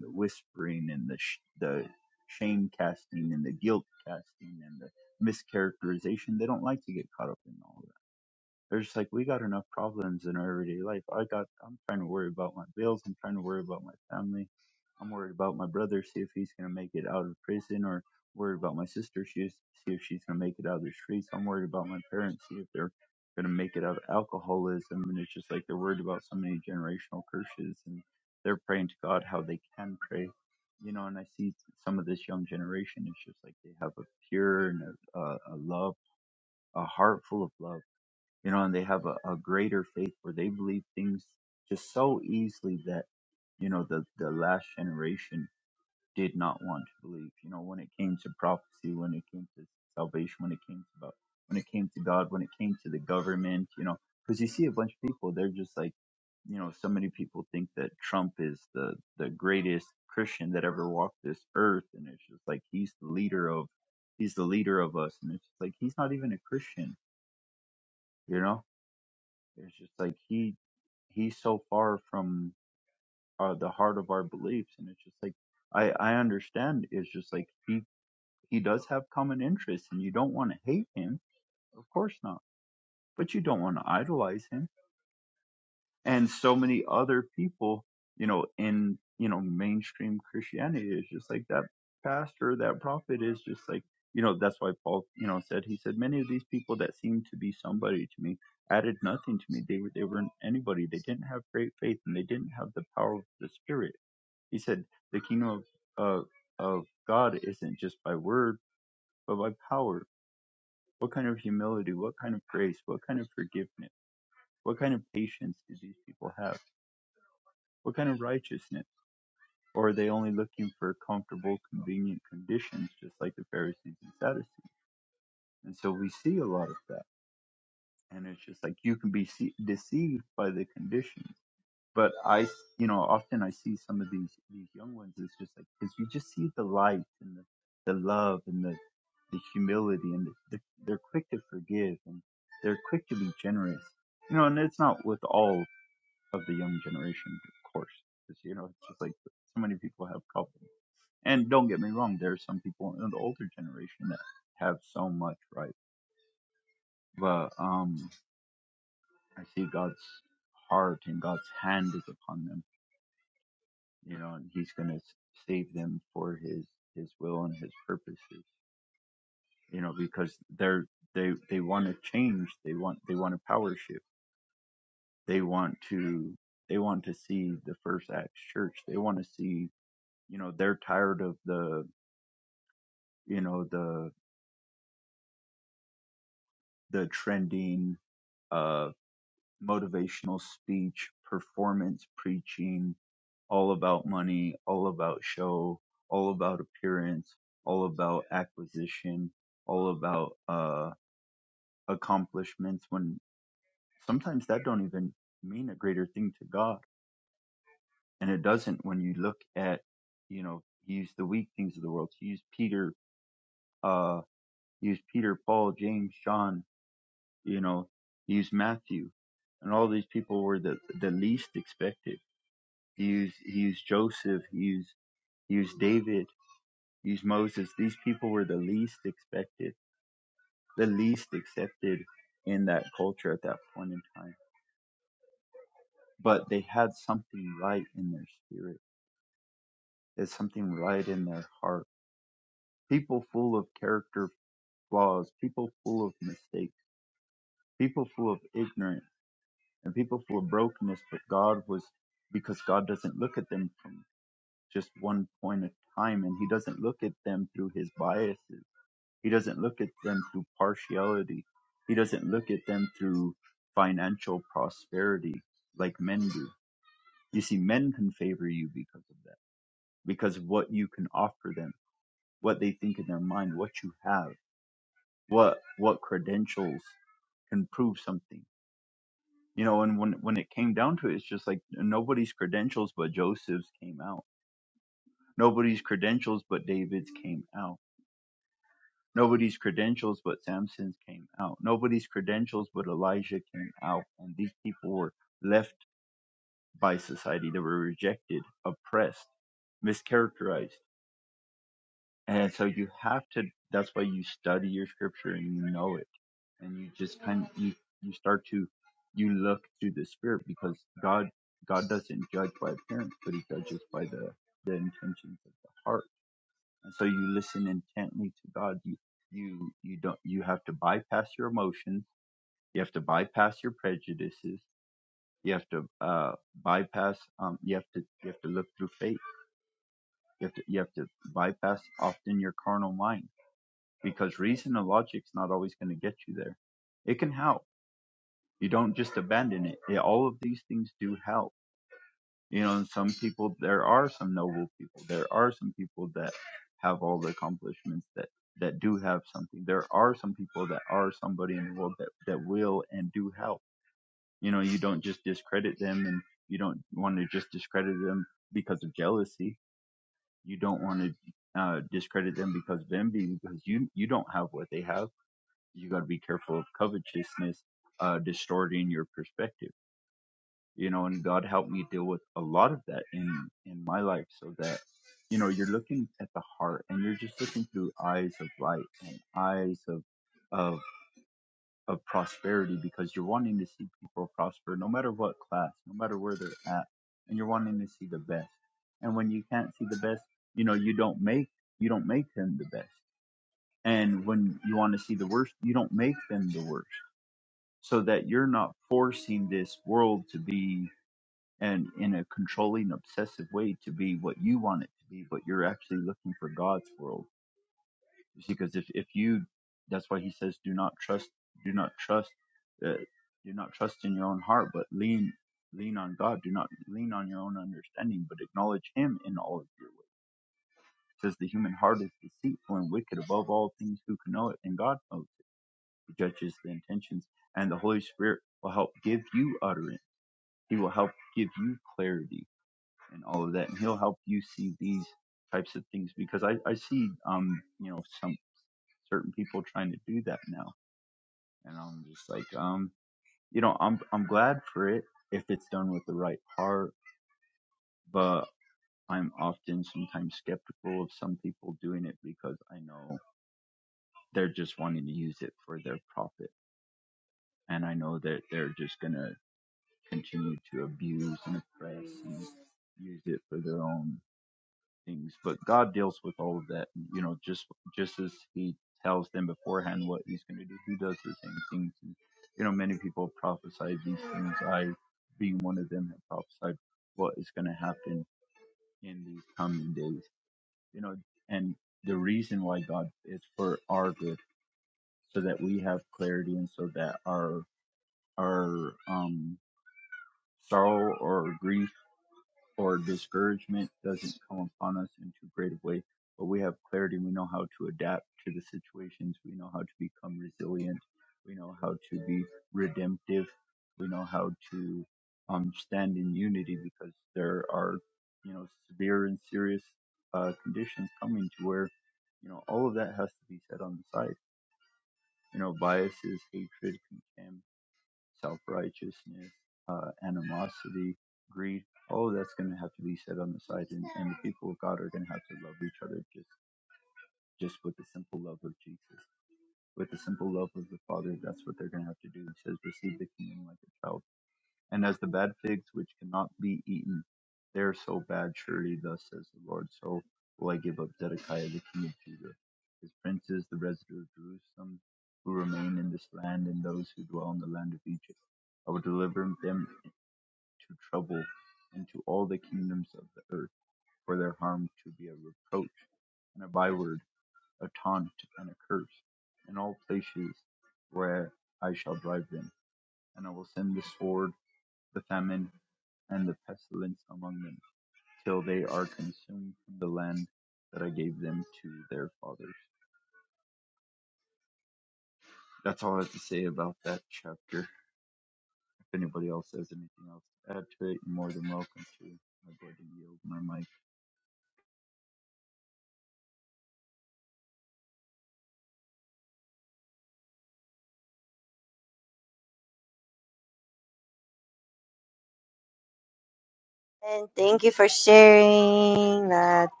Speaker 2: And thank you for sharing that.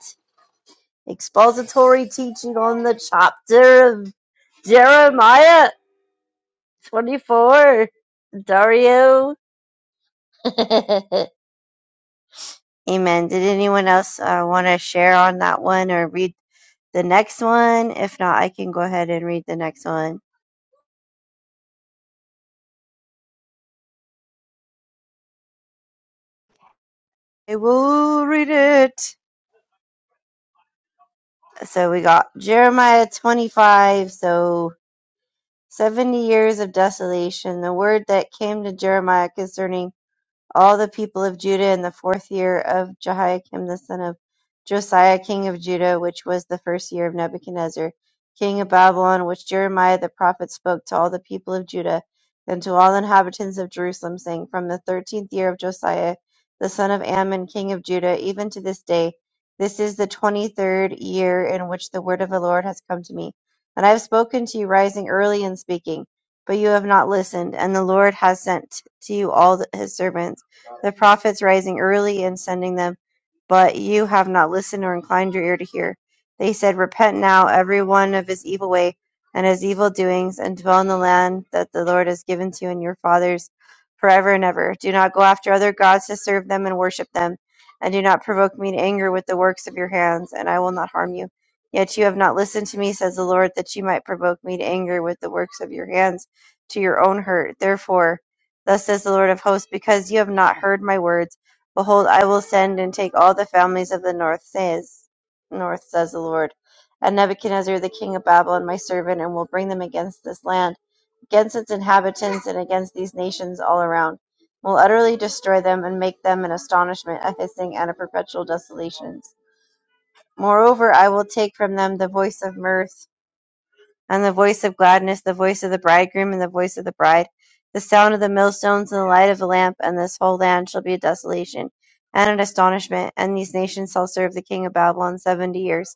Speaker 2: expository teaching on the chapter of Jeremiah 24. Dario. Amen. Did anyone else uh, want to share on that one or read the next one? If not, I can go ahead and read the next one. I will read it. So we got Jeremiah 25. So 70 years of desolation. The word that came to Jeremiah concerning all the people of Judah in the fourth year of Jehoiakim the son of Josiah king of Judah, which was the first year of Nebuchadnezzar king of Babylon, which Jeremiah the prophet spoke to all the people of Judah and to all the inhabitants of Jerusalem, saying, From the thirteenth year of Josiah the son of Ammon king of Judah, even to this day, this is the twenty-third year in which the word of the Lord has come to me. And I have spoken to you rising early and speaking, but you have not listened, and the Lord has sent to you all th- his servants the prophets rising early and sending them, but you have not listened or inclined your ear to hear. They said, Repent now, every one of his evil way and his evil doings, and dwell in the land that the Lord has given to you and your fathers forever and ever. Do not go after other gods to serve them and worship them, and do not provoke me to anger with the works of your hands, and I will not harm you. Yet you have not listened to me, says the Lord, that you might provoke me to anger with the works of your hands to your own hurt. Therefore, Thus says the Lord of hosts, because you have not heard my words, behold, I will send and take all the families of the north, says north, says the Lord, and Nebuchadnezzar the king of Babylon, my servant, and will bring them against this land, against its inhabitants, and against these nations all around. Will utterly destroy them and make them an astonishment, a hissing, and a perpetual desolations. Moreover, I will take from them the voice of mirth and the voice of gladness, the voice of the bridegroom, and the voice of the bride, the sound of the millstones, and the light of the lamp, and this whole land shall be a desolation and an astonishment, and these nations shall serve the king of Babylon seventy years.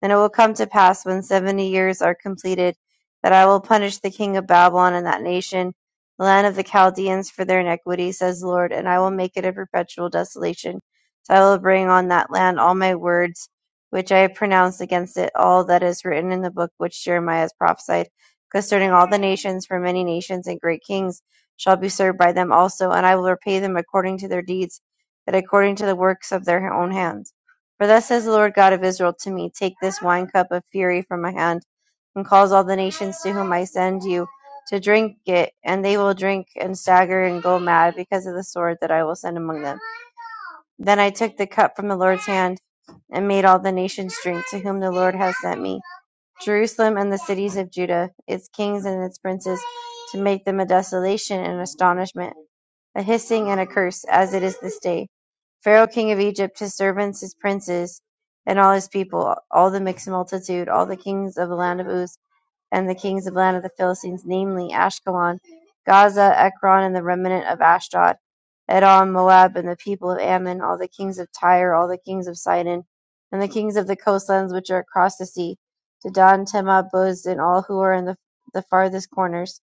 Speaker 2: And it will come to pass when seventy years are completed that I will punish the king of Babylon and that nation, the land of the Chaldeans, for their iniquity, says the Lord, and I will make it a perpetual desolation. So I will bring on that land all my words which I have pronounced against it, all that is written in the book which Jeremiah has prophesied concerning all the nations, for many nations and great kings shall be served by them also, and I will repay them according to their deeds, that according to the works of their own hands. For thus says the Lord God of Israel to me, Take this wine cup of fury from my hand, and cause all the nations to whom I send you to drink it, and they will drink and stagger and go mad because of the sword that I will send among them. Then I took the cup from the Lord's hand, and made all the nations drink to whom the Lord has sent me, Jerusalem and the cities of Judah, its kings and its princes, to make them a desolation and astonishment a hissing and a curse, as it is this day. Pharaoh king of Egypt, his servants, his princes, and all his people, all the mixed multitude, all the kings of the land of Uz, and the kings of the land of the Philistines, namely Ashkelon, Gaza, Ekron, and the remnant of Ashdod, Edom, Moab, and the people of Ammon, all the kings of Tyre, all the kings of Sidon, and the kings of the coastlands which are across the sea, to Dan, Tema, Buz, and all who are in the, the farthest corners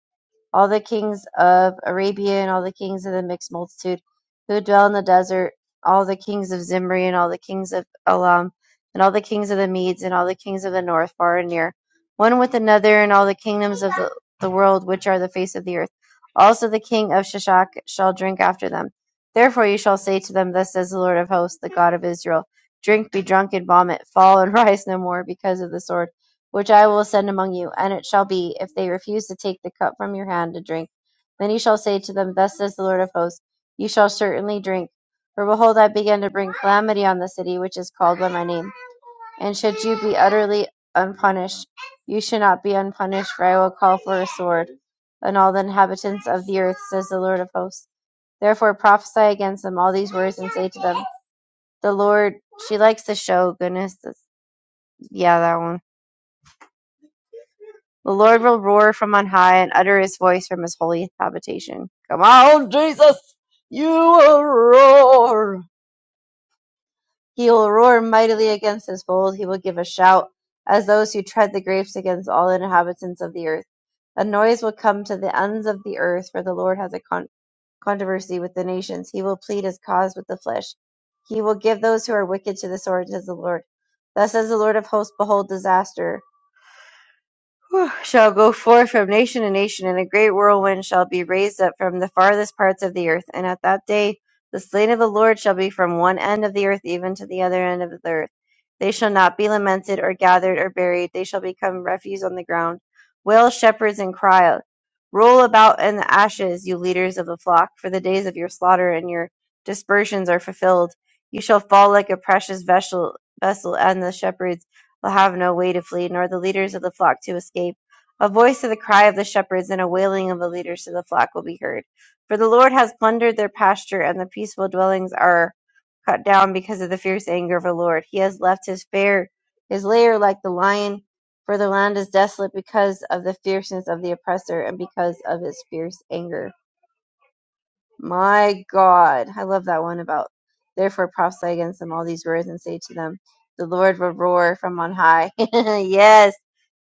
Speaker 2: all the kings of Arabia and all the kings of the mixed multitude who dwell in the desert, all the kings of Zimri and all the kings of Elam, and all the kings of the Medes and all the kings of the north, far and near, one with another, and all the kingdoms of the, the world which are the face of the earth. Also the king of Shishak shall drink after them. Therefore you shall say to them, Thus says the Lord of hosts, the God of Israel, Drink, be drunk, and vomit, fall and rise no more because of the sword which I will send among you. And it shall be, if they refuse to take the cup from your hand to drink, then ye shall say to them, Thus says the Lord of hosts, You shall certainly drink. For behold, I begin to bring calamity on the city which is called by my name. And should you be utterly unpunished, you shall not be unpunished, for I will call for a sword on all the inhabitants of the earth, says the Lord of hosts. Therefore prophesy against them all these words and say to them, The Lord, she likes to show goodness. That's- Yeah, that one The Lord will roar from on high and utter his voice from his holy habitation. Come on, Jesus! You will roar! He will roar mightily against his foes. He will give a shout as those who tread the grapes against all the inhabitants of the earth. A noise will come to the ends of the earth, for the Lord has a con- controversy with the nations. He will plead his cause with the flesh. He will give those who are wicked to the sword, says the Lord. Thus says the Lord of hosts, behold disaster. Whew, shall go forth from nation to nation, and a great whirlwind shall be raised up from the farthest parts of the earth. And at that day the slain of the Lord shall be from one end of the earth even to the other end of the earth. They shall not be lamented, or gathered, or buried. They shall become refuse on the ground. Wail, shepherds, and cry out. Roll about in the ashes, you leaders of the flock, for the days of your slaughter and your dispersions are fulfilled. You shall fall like a precious vessel, vessel and the shepherds will have no way to flee, nor the leaders of the flock to escape. A voice of the cry of the shepherds and a wailing of the leaders of the flock will be heard. For the Lord has plundered their pasture, and the peaceful dwellings are cut down because of the fierce anger of the Lord. He has left his fair his lair like the lion, for the land is desolate because of the fierceness of the oppressor and because of his fierce anger. My God. I love that one about therefore prophesy against them all these words and say to them, The Lord will roar from on high. yes.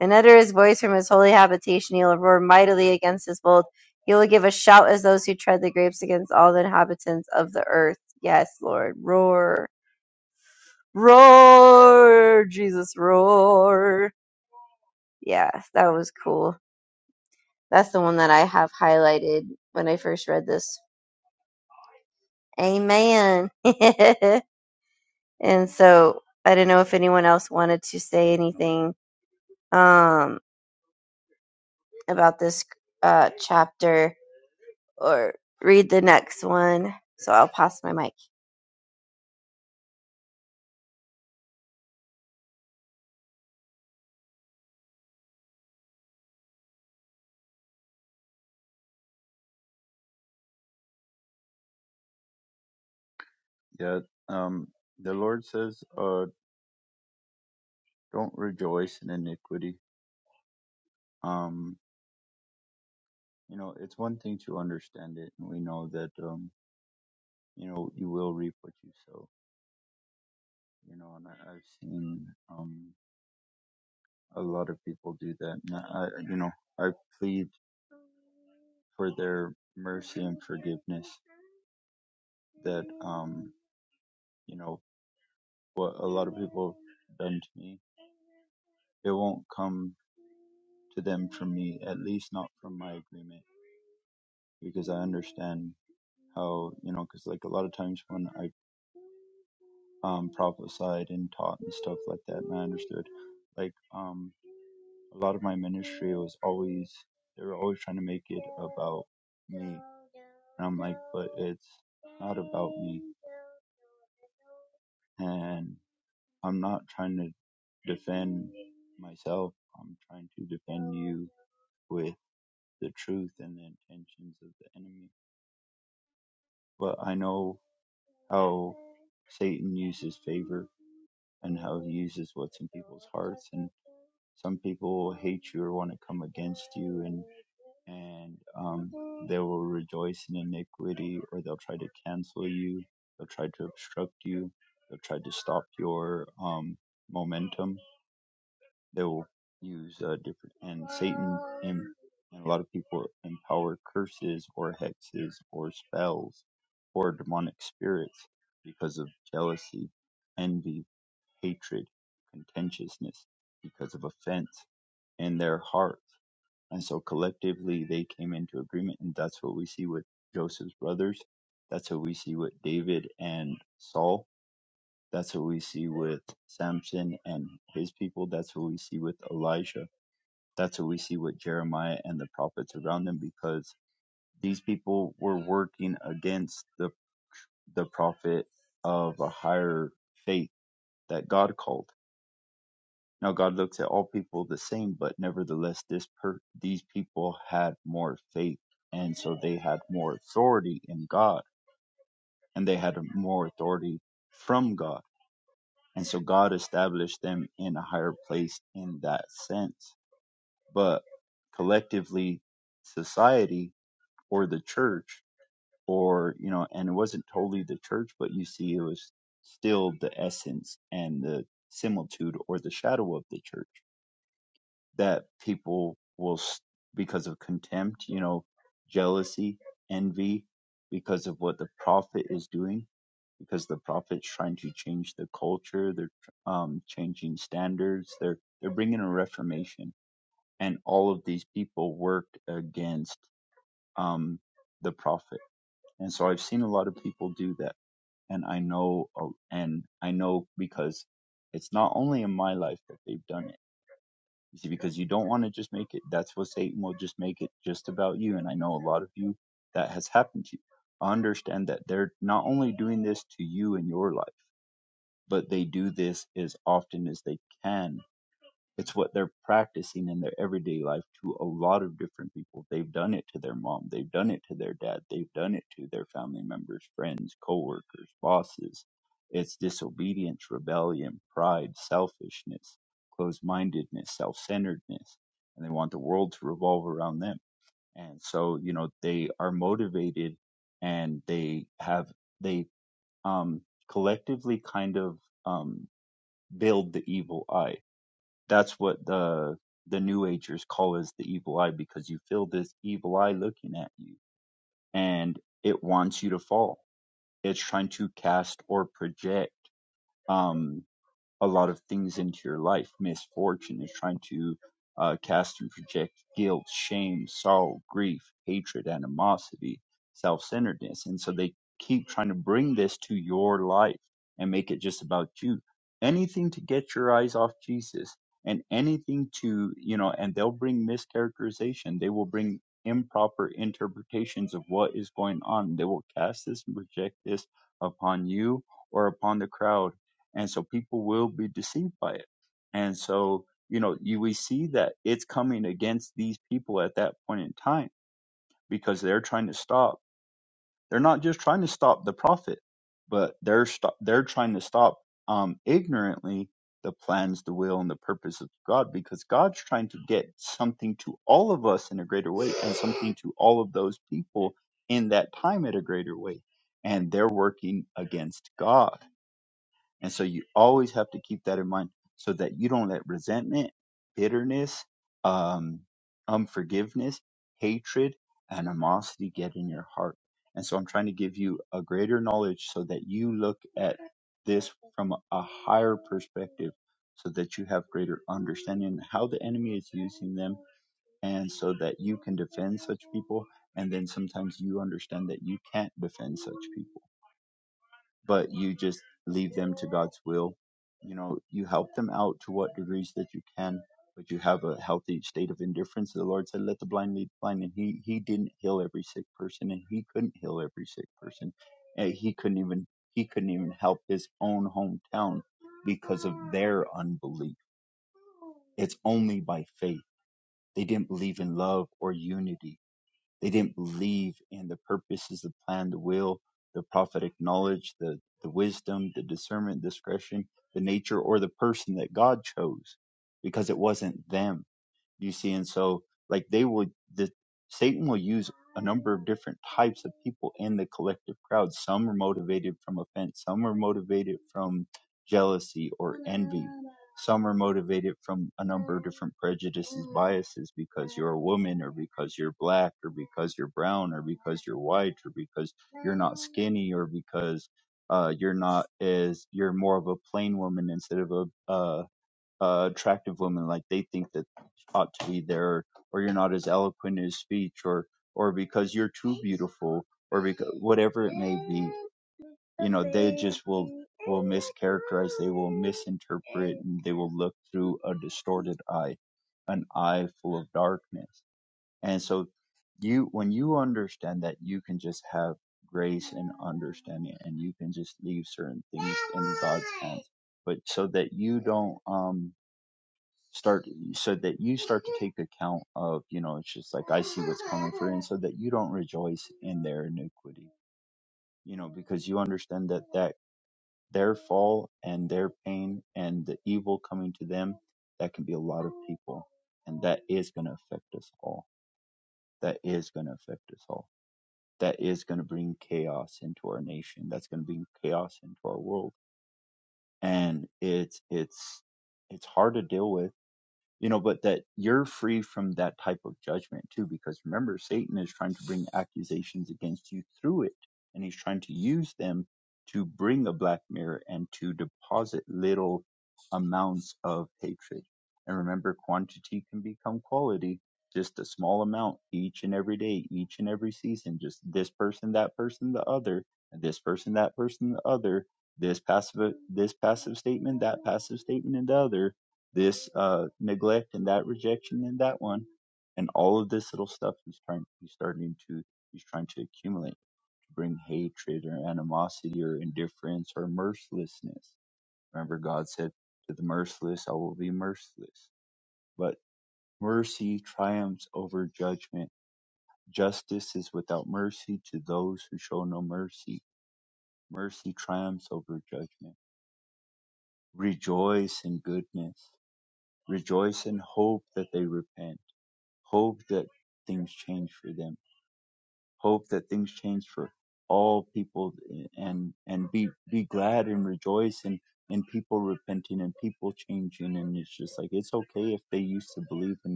Speaker 2: And utter his voice from his holy habitation. He will roar mightily against his bold. He will give a shout as those who tread the grapes against all the inhabitants of the earth. Yes, Lord. Roar. Roar. Jesus, roar. Yeah, that was cool. That's the one that I have highlighted when I first read this. Amen. And so I didn't know if anyone else wanted to say anything um, about this uh, chapter or read the next one. So I'll pass my mic.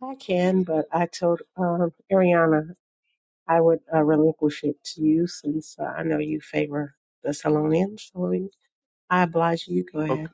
Speaker 4: I can, but I told um, Ariana I would uh, relinquish it to you since uh, I know you favor Thessalonians. So we- I oblige you. Go ahead.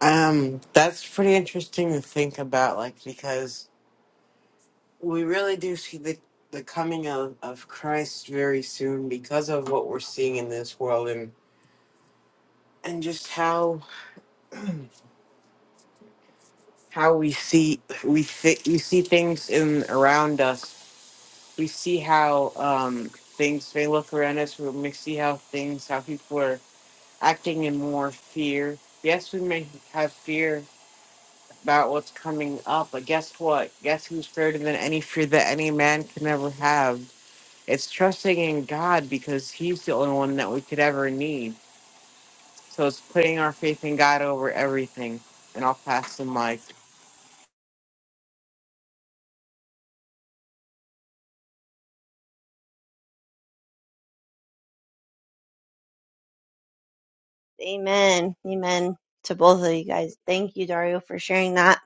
Speaker 5: Um, that's pretty interesting to think about, like because we really do see the the coming of, of Christ very soon because of what we're seeing in this world and and just how how we see we thi we see things in around us. We see how um things may look around us. We may see how things how people are acting in more fear. Yes, we may have fear about what's coming up. But guess what? Guess who's greater than any fear that any man can ever have? It's trusting in God because He's the only one that we could ever need. So it's putting our faith in God over everything. And I'll pass the mic.
Speaker 2: Amen. Amen to both of you guys. Thank you, Dario, for sharing that.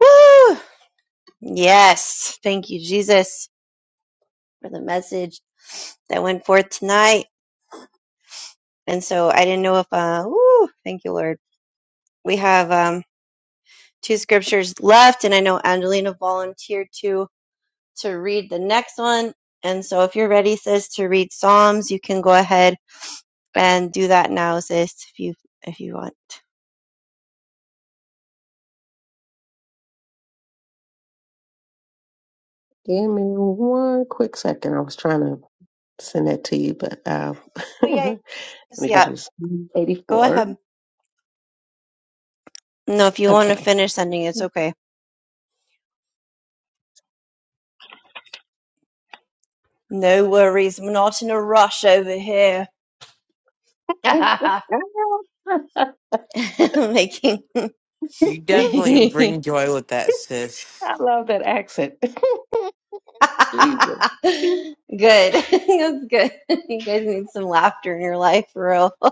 Speaker 2: Woo! Yes. Thank you, Jesus, for the message that went forth tonight. And so I didn't know if, uh, woo, thank you, Lord. We have um, two scriptures left, and I know Angelina volunteered to. to read the next one. And so if you're ready, sis, to read Psalms, you can go ahead and do that now, sis, if you if you want.
Speaker 4: Give me one quick second. I was trying to send that to you, but um,
Speaker 2: Oh yeah,
Speaker 4: let
Speaker 2: yes,
Speaker 4: me go
Speaker 2: yeah.
Speaker 4: to this.
Speaker 2: Go
Speaker 4: 84.
Speaker 2: ahead. No, if you want to
Speaker 4: Okay.
Speaker 2: finish sending, it's okay. No worries. I'm not in a rush over here.
Speaker 4: I
Speaker 2: Making
Speaker 5: You definitely
Speaker 2: good.
Speaker 5: bring joy with that, sis.
Speaker 4: love that accent. Jesus.
Speaker 2: That's good. You guys need some laughter in your life, for real.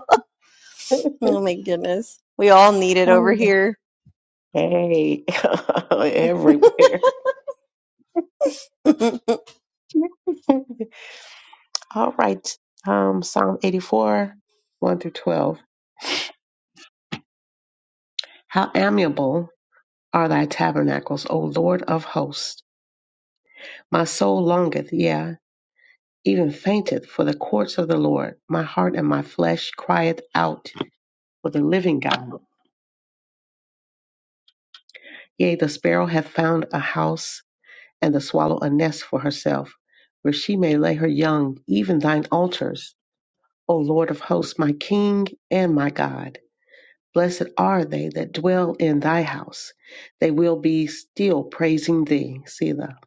Speaker 2: Oh my goodness. We all need it over here.
Speaker 4: Hey, everywhere. All right. Um, Psalm 84, 1 through 12. How amiable are thy tabernacles, O Lord of hosts. My soul longeth, yea, even fainteth for the courts of the Lord. My heart and my flesh crieth out for the living God. Yea, the sparrow hath found a house, and the swallow a nest for herself, where she may lay her young, even thine altars, O Lord of hosts, my King and my God. Blessed are they that dwell in thy house. They will be still praising thee. Selah.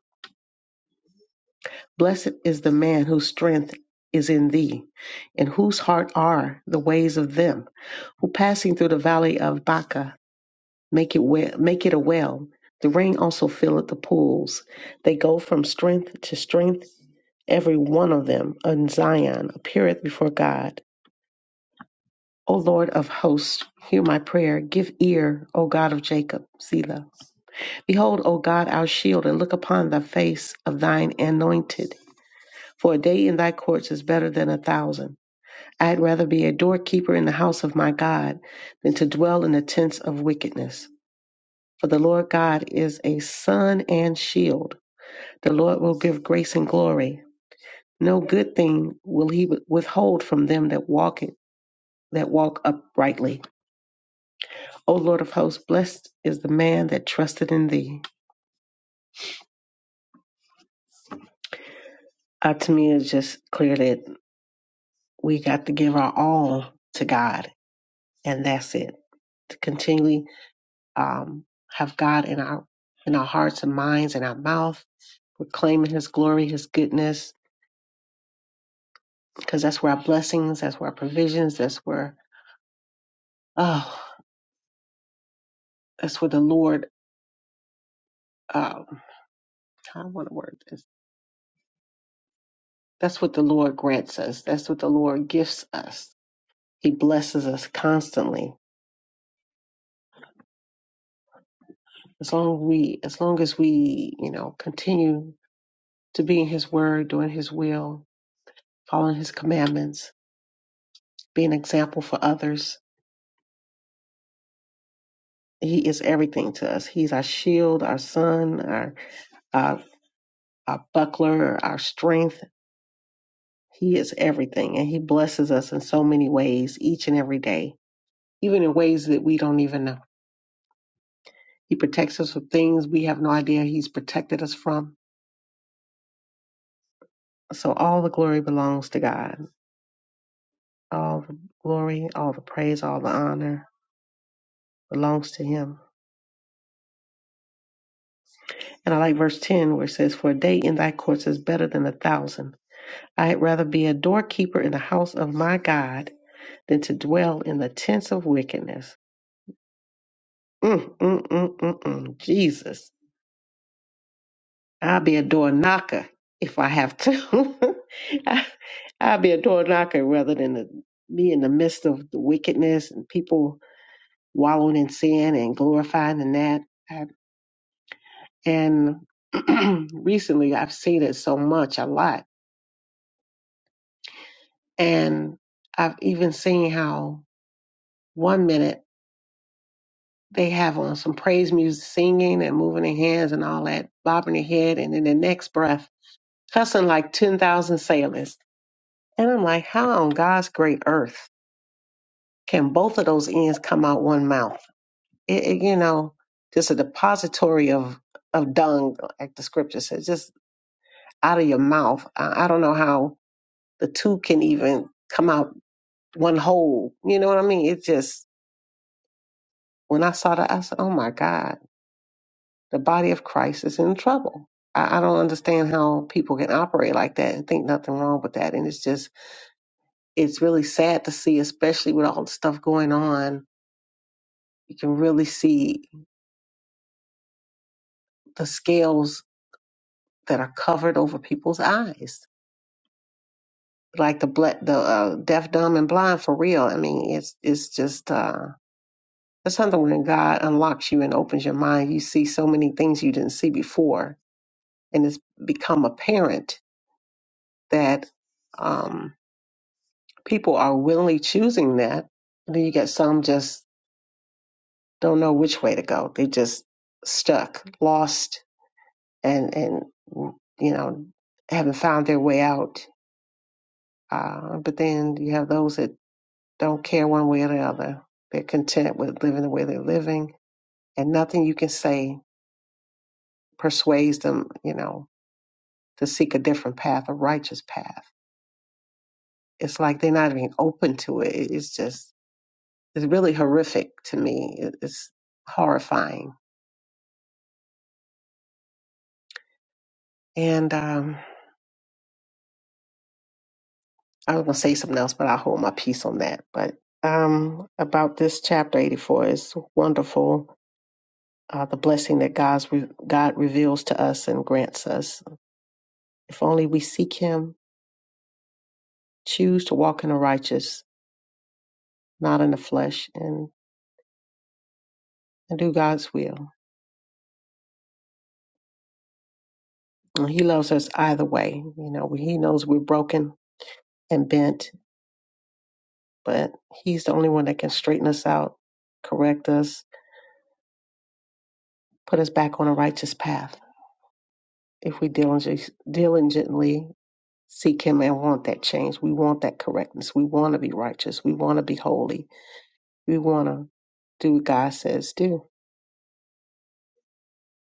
Speaker 4: Blessed is the man whose strength is in thee, and whose heart are the ways of them, who passing through the valley of Baca make it, well, make it a well. The rain also filleth the pools. They go from strength to strength. Every one of them on Zion appeareth before God. O Lord of hosts, hear my prayer. Give ear, O God of Jacob. Selah. Behold, O God, our shield, and look upon the face of thine anointed. For a day in thy courts is better than a thousand. I had rather be a doorkeeper in the house of my God than to dwell in the tents of wickedness. For the Lord God is a sun and shield. The Lord will give grace and glory. No good thing will he withhold from them that walk it, that walk uprightly. O Lord of hosts, blessed is the man that trusted in thee. Uh, to me, it just clear that. we got to give our all to God, and that's it. To continually um, have God in our in our hearts and minds and our mouth, proclaiming His glory, His goodness, because that's where our blessings, that's where our provisions, that's where oh, that's where the Lord. Um, I want to word this. That's what the Lord grants us. That's what the Lord gifts us. He blesses us constantly. As long as we, as long as we, you know, continue to be in His Word, doing His will, following his commandments, being an example for others. He is everything to us. He's our shield, our sun, our, our, our buckler, our strength. He is everything, and he blesses us in so many ways each and every day, even in ways that we don't even know. He protects us from things we have no idea he's protected us from. So all the glory belongs to God. All the glory, all the praise, all the honor belongs to him. And I like verse 10 where it says, For a day in thy courts is better than a thousand. I'd rather be a doorkeeper in the house of my God than to dwell in the tents of wickedness. Mm, mm, mm, mm, mm. Jesus, I'll be a door knocker if I have to. I- I'll be a door knocker rather than to be in the midst of the wickedness and people wallowing in sin and glorifying in that. I- And recently, I've seen it so much, a lot, and I've even seen how one minute. they have on some praise music, singing and moving their hands and all that, bobbing their head, and in the next breath, cussing like 10,000 sailors. And I'm like, how on God's great earth can both of those ends come out one mouth? It, it, you know, just a depository of, of dung, like the scripture says, just out of your mouth. I, I don't know how the two can even come out one whole. You know what I mean? It just, when I saw that, I said, oh my God The body of Christ is in trouble. I, I don't understand how people can operate like that and think nothing wrong with that. And it's just, it's really sad to see, especially with all the stuff going on. You can really see the scales that are covered over people's eyes, like the ble- the uh, deaf, dumb, and blind. For real, I mean, it's it's just. uh that's something when God unlocks you and opens your mind, you see so many things you didn't see before, and it's become apparent that Um, people are willingly choosing that. And then you get some just don't know which way to go. They just stuck, lost, and and you know haven't found their way out. Uh, but then you have those that don't care one way or the other. They're content with living the way they're living, and nothing you can say persuades them, you know, to seek a different path, a righteous path. It's like they're not even open to it. It's just, it's really horrific to me. It- It's horrifying And um, I was going to say something else, but I'll hold my peace on that. But um, about this chapter 84 is wonderful. Uh, the blessing that God's re- God reveals to us and grants us. If only we seek Him, choose to walk in the righteous, not in the flesh, and, and do God's will. And he loves us either way. You know, He knows we're broken and bent, but He's the only one that can straighten us out, correct us, put us back on a righteous path. if we diligently diligently seek Him and want that change. We want that correctness. We want to be righteous. We want to be holy. We want to do what God says do.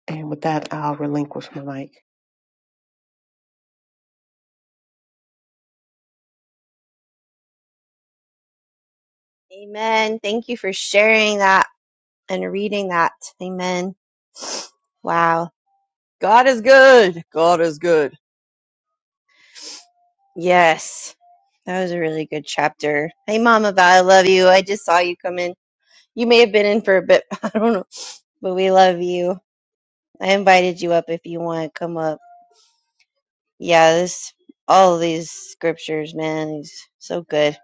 Speaker 4: And with that, I'll relinquish my mic.
Speaker 2: Amen. Thank you for sharing that and reading that. Amen. Wow. God is good. God is good. Yes. That was a really good chapter. Hey, Mama Val, I love you. I just saw you come in. You may have been in for a bit. I don't know. But we love you. I invited you up if you want to come up. Yeah, this, all of these scriptures, man, is so good.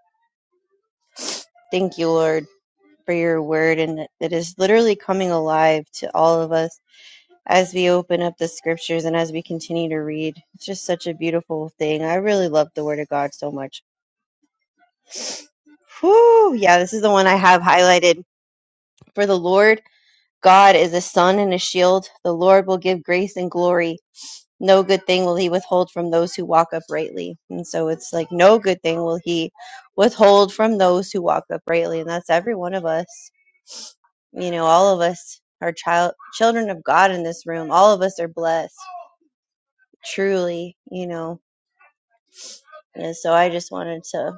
Speaker 2: Thank you, Lord, for your word and that it is literally coming alive to all of us as we open up the scriptures and as we continue to read. It's just such a beautiful thing. I really love the Word of God so much. Whew, yeah, this is the one I have highlighted. For the Lord God is a sun and a shield. The Lord will give grace and glory. No good thing will he withhold from those who walk uprightly. And so it's like, no good thing will he withhold from those who walk uprightly. And that's every one of us. You know, all of us are child children of God in this room. All of us are blessed truly, you know. And so I just wanted to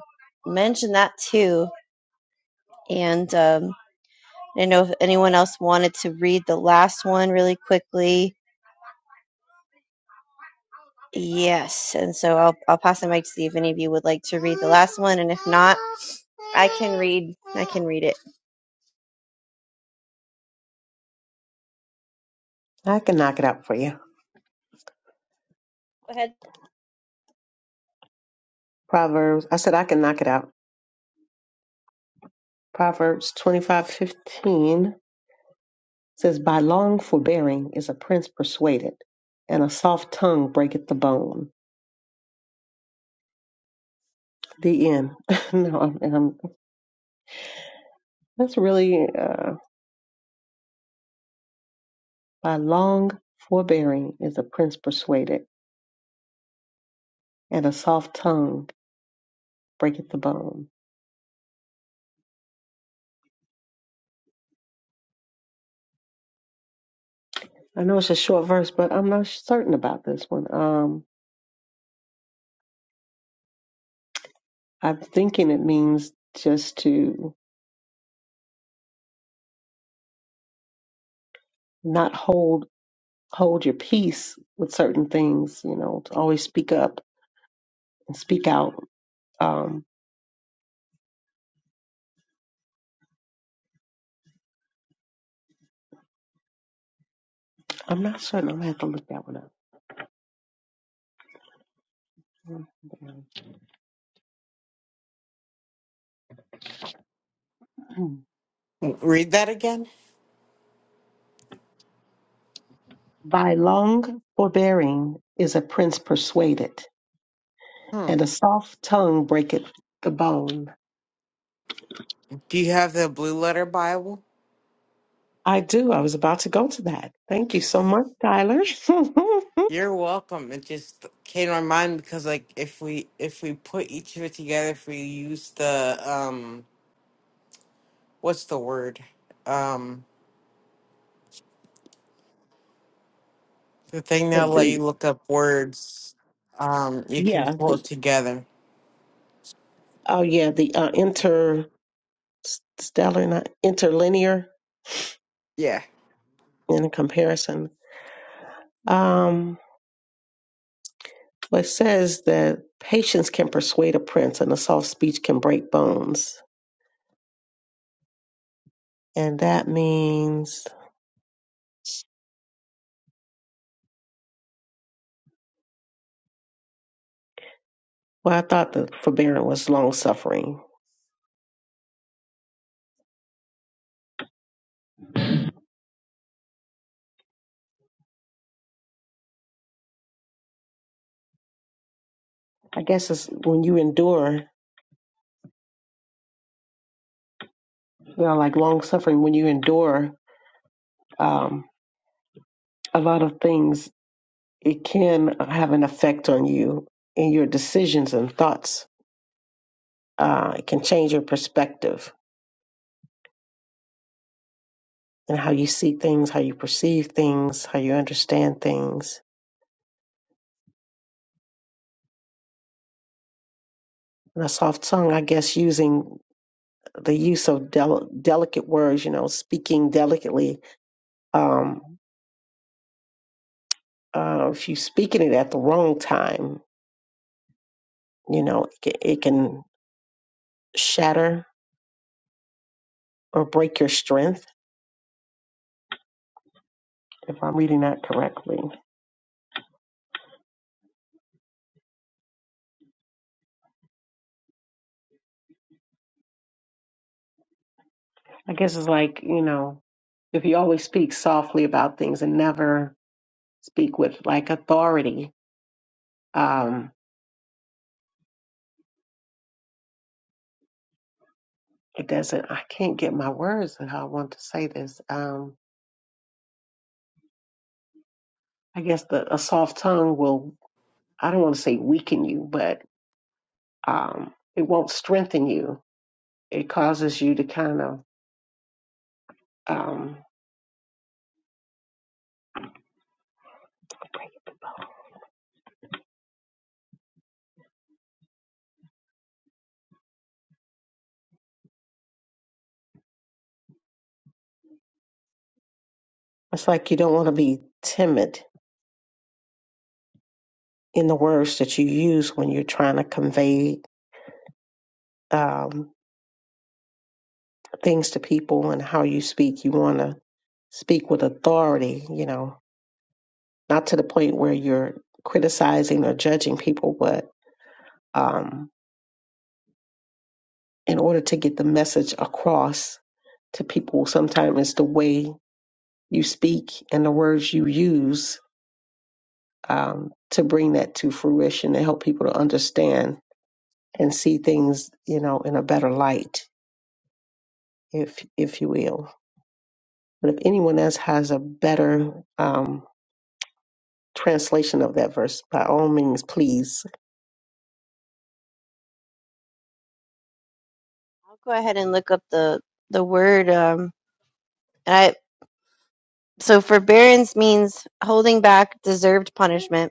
Speaker 2: mention that too. And um, I don't know if anyone else wanted to read the last one really quickly. Yes. And so I'll, I'll pass the mic to see if any of you would like to read the last one. And if not, I can read, I can read it.
Speaker 4: I can knock it out for you.
Speaker 2: Go ahead.
Speaker 4: Proverbs, I said I can knock it out. Proverbs twenty-five fifteen says, By long forbearing is a prince persuaded, and a soft tongue breaketh the bone. The end. no, I'm, I'm- that's really. Uh, By long forbearing is a prince persuaded, and a soft tongue breaketh the bone. I know it's a short verse, but I'm not certain about this one. Um, I'm thinking it means just to not hold hold your peace with certain things. You know, to always speak up and speak out. Um, I'm not certain. I'm gonna have to look that one up. Hmm.
Speaker 5: Read that again.
Speaker 4: By long forbearing is a prince persuaded,
Speaker 5: Hmm.
Speaker 4: and a soft tongue breaketh the bone.
Speaker 5: Do you have the blue letter Bible?
Speaker 4: I do. I was about to go to that. Thank you so much, Tyler.
Speaker 5: You're welcome. It just came to my mind because, like, if we if we put each of it together, if we use the um what's the word? Um, the thing
Speaker 4: The-
Speaker 5: that'll let
Speaker 4: the-
Speaker 5: you look up words. Um, you can
Speaker 4: yeah.
Speaker 5: pull
Speaker 4: the-
Speaker 5: it together.
Speaker 4: oh, yeah. The uh, interstellar, not interlinear
Speaker 5: Yeah.
Speaker 4: in comparison. Um, well, it says that patience can persuade a prince and a soft speech can break bones. And that means, well, I thought the forbearing was long suffering. I guess it's when you endure, you know, like long suffering, when you endure um, a lot of things it can have an effect on you in your decisions and thoughts. Uh, it can change your perspective and how you see things, how you perceive things, how you understand things. And a soft tongue, I guess, using the use of del- delicate words, you know, speaking delicately. Um, uh, if you speaking it at the wrong time, you know, it can, it can shatter or break your strength. If I'm reading that correctly, I guess it's like, you know, if you always speak softly about things and never speak with like authority, um, it doesn't, I can't get my words and how I want to say this. Um, I guess the, a soft tongue will, I don't want to say weaken you, but um, it won't strengthen you. It causes you to kind of, um, it's like you don't want to be timid in the words that you use when you're trying to convey um, things to people and how you speak. You want to speak with authority, you know, not to the point where you're criticizing or judging people, but um, in order to get the message across to people, sometimes it's the way you speak and the words you use um, to bring that to fruition and help people to understand and see things, you know, in a better light, if if you will. But if anyone else has a better um, translation of that verse, by all means, please.
Speaker 2: I'll go ahead and look up the, the word. Um, and I, so forbearance means holding back deserved punishment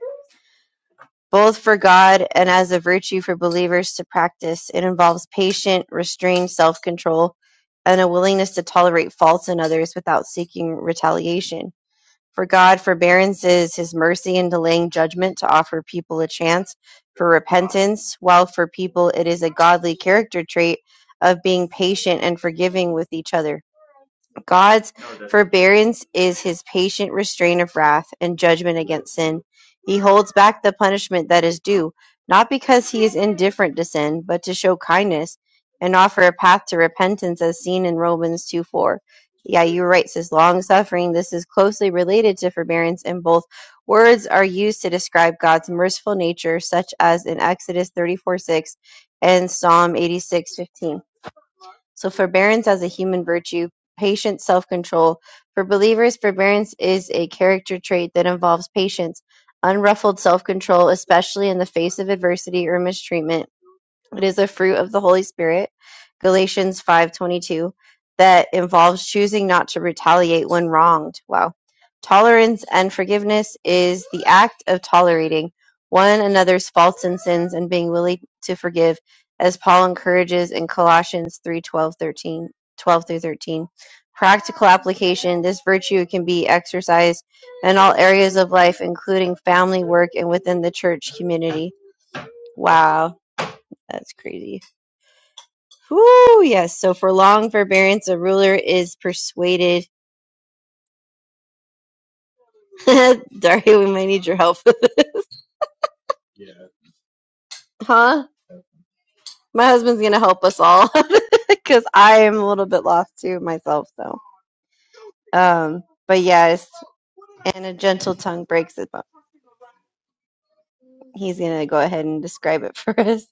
Speaker 2: both for God and as a virtue for believers to practice. It involves patient, restrained self control and a willingness to tolerate faults in others without seeking retaliation. For God, forbearance is His mercy in delaying judgment to offer people a chance for repentance, while for people it is a godly character trait of being patient and forgiving with each other. God's forbearance is his patient restraint of wrath and judgment against sin. He holds back the punishment that is due, not because he is indifferent to sin, but to show kindness and offer a path to repentance as seen in Romans 2 4. Yeah, you're right, says long suffering. This is closely related to forbearance, and both words are used to describe God's merciful nature, such as in Exodus 34 6 and Psalm 86:15. So forbearance as a human virtue, patient self-control. For believers, forbearance is a character trait that involves patience, unruffled self-control, especially in the face of adversity or mistreatment it is a fruit of the Holy Spirit, Galatians 5:22, that involves choosing not to retaliate when wronged. Wow. Tolerance and forgiveness is the act of tolerating one another's faults and sins and being willing to forgive, as Paul encourages in Colossians 3:12, 13, twelve through 13. Practical application: This virtue can be exercised in all areas of life, including family, work, and within the church community. Wow, that's crazy Whoo, yes. So for long forbearance, a ruler is persuaded. Daria, we might need your help. huh? My husband's going to help us all because I am a little bit lost too myself. So, um, but yes, and a gentle tongue breaks it. But he's going to go ahead and describe it for us.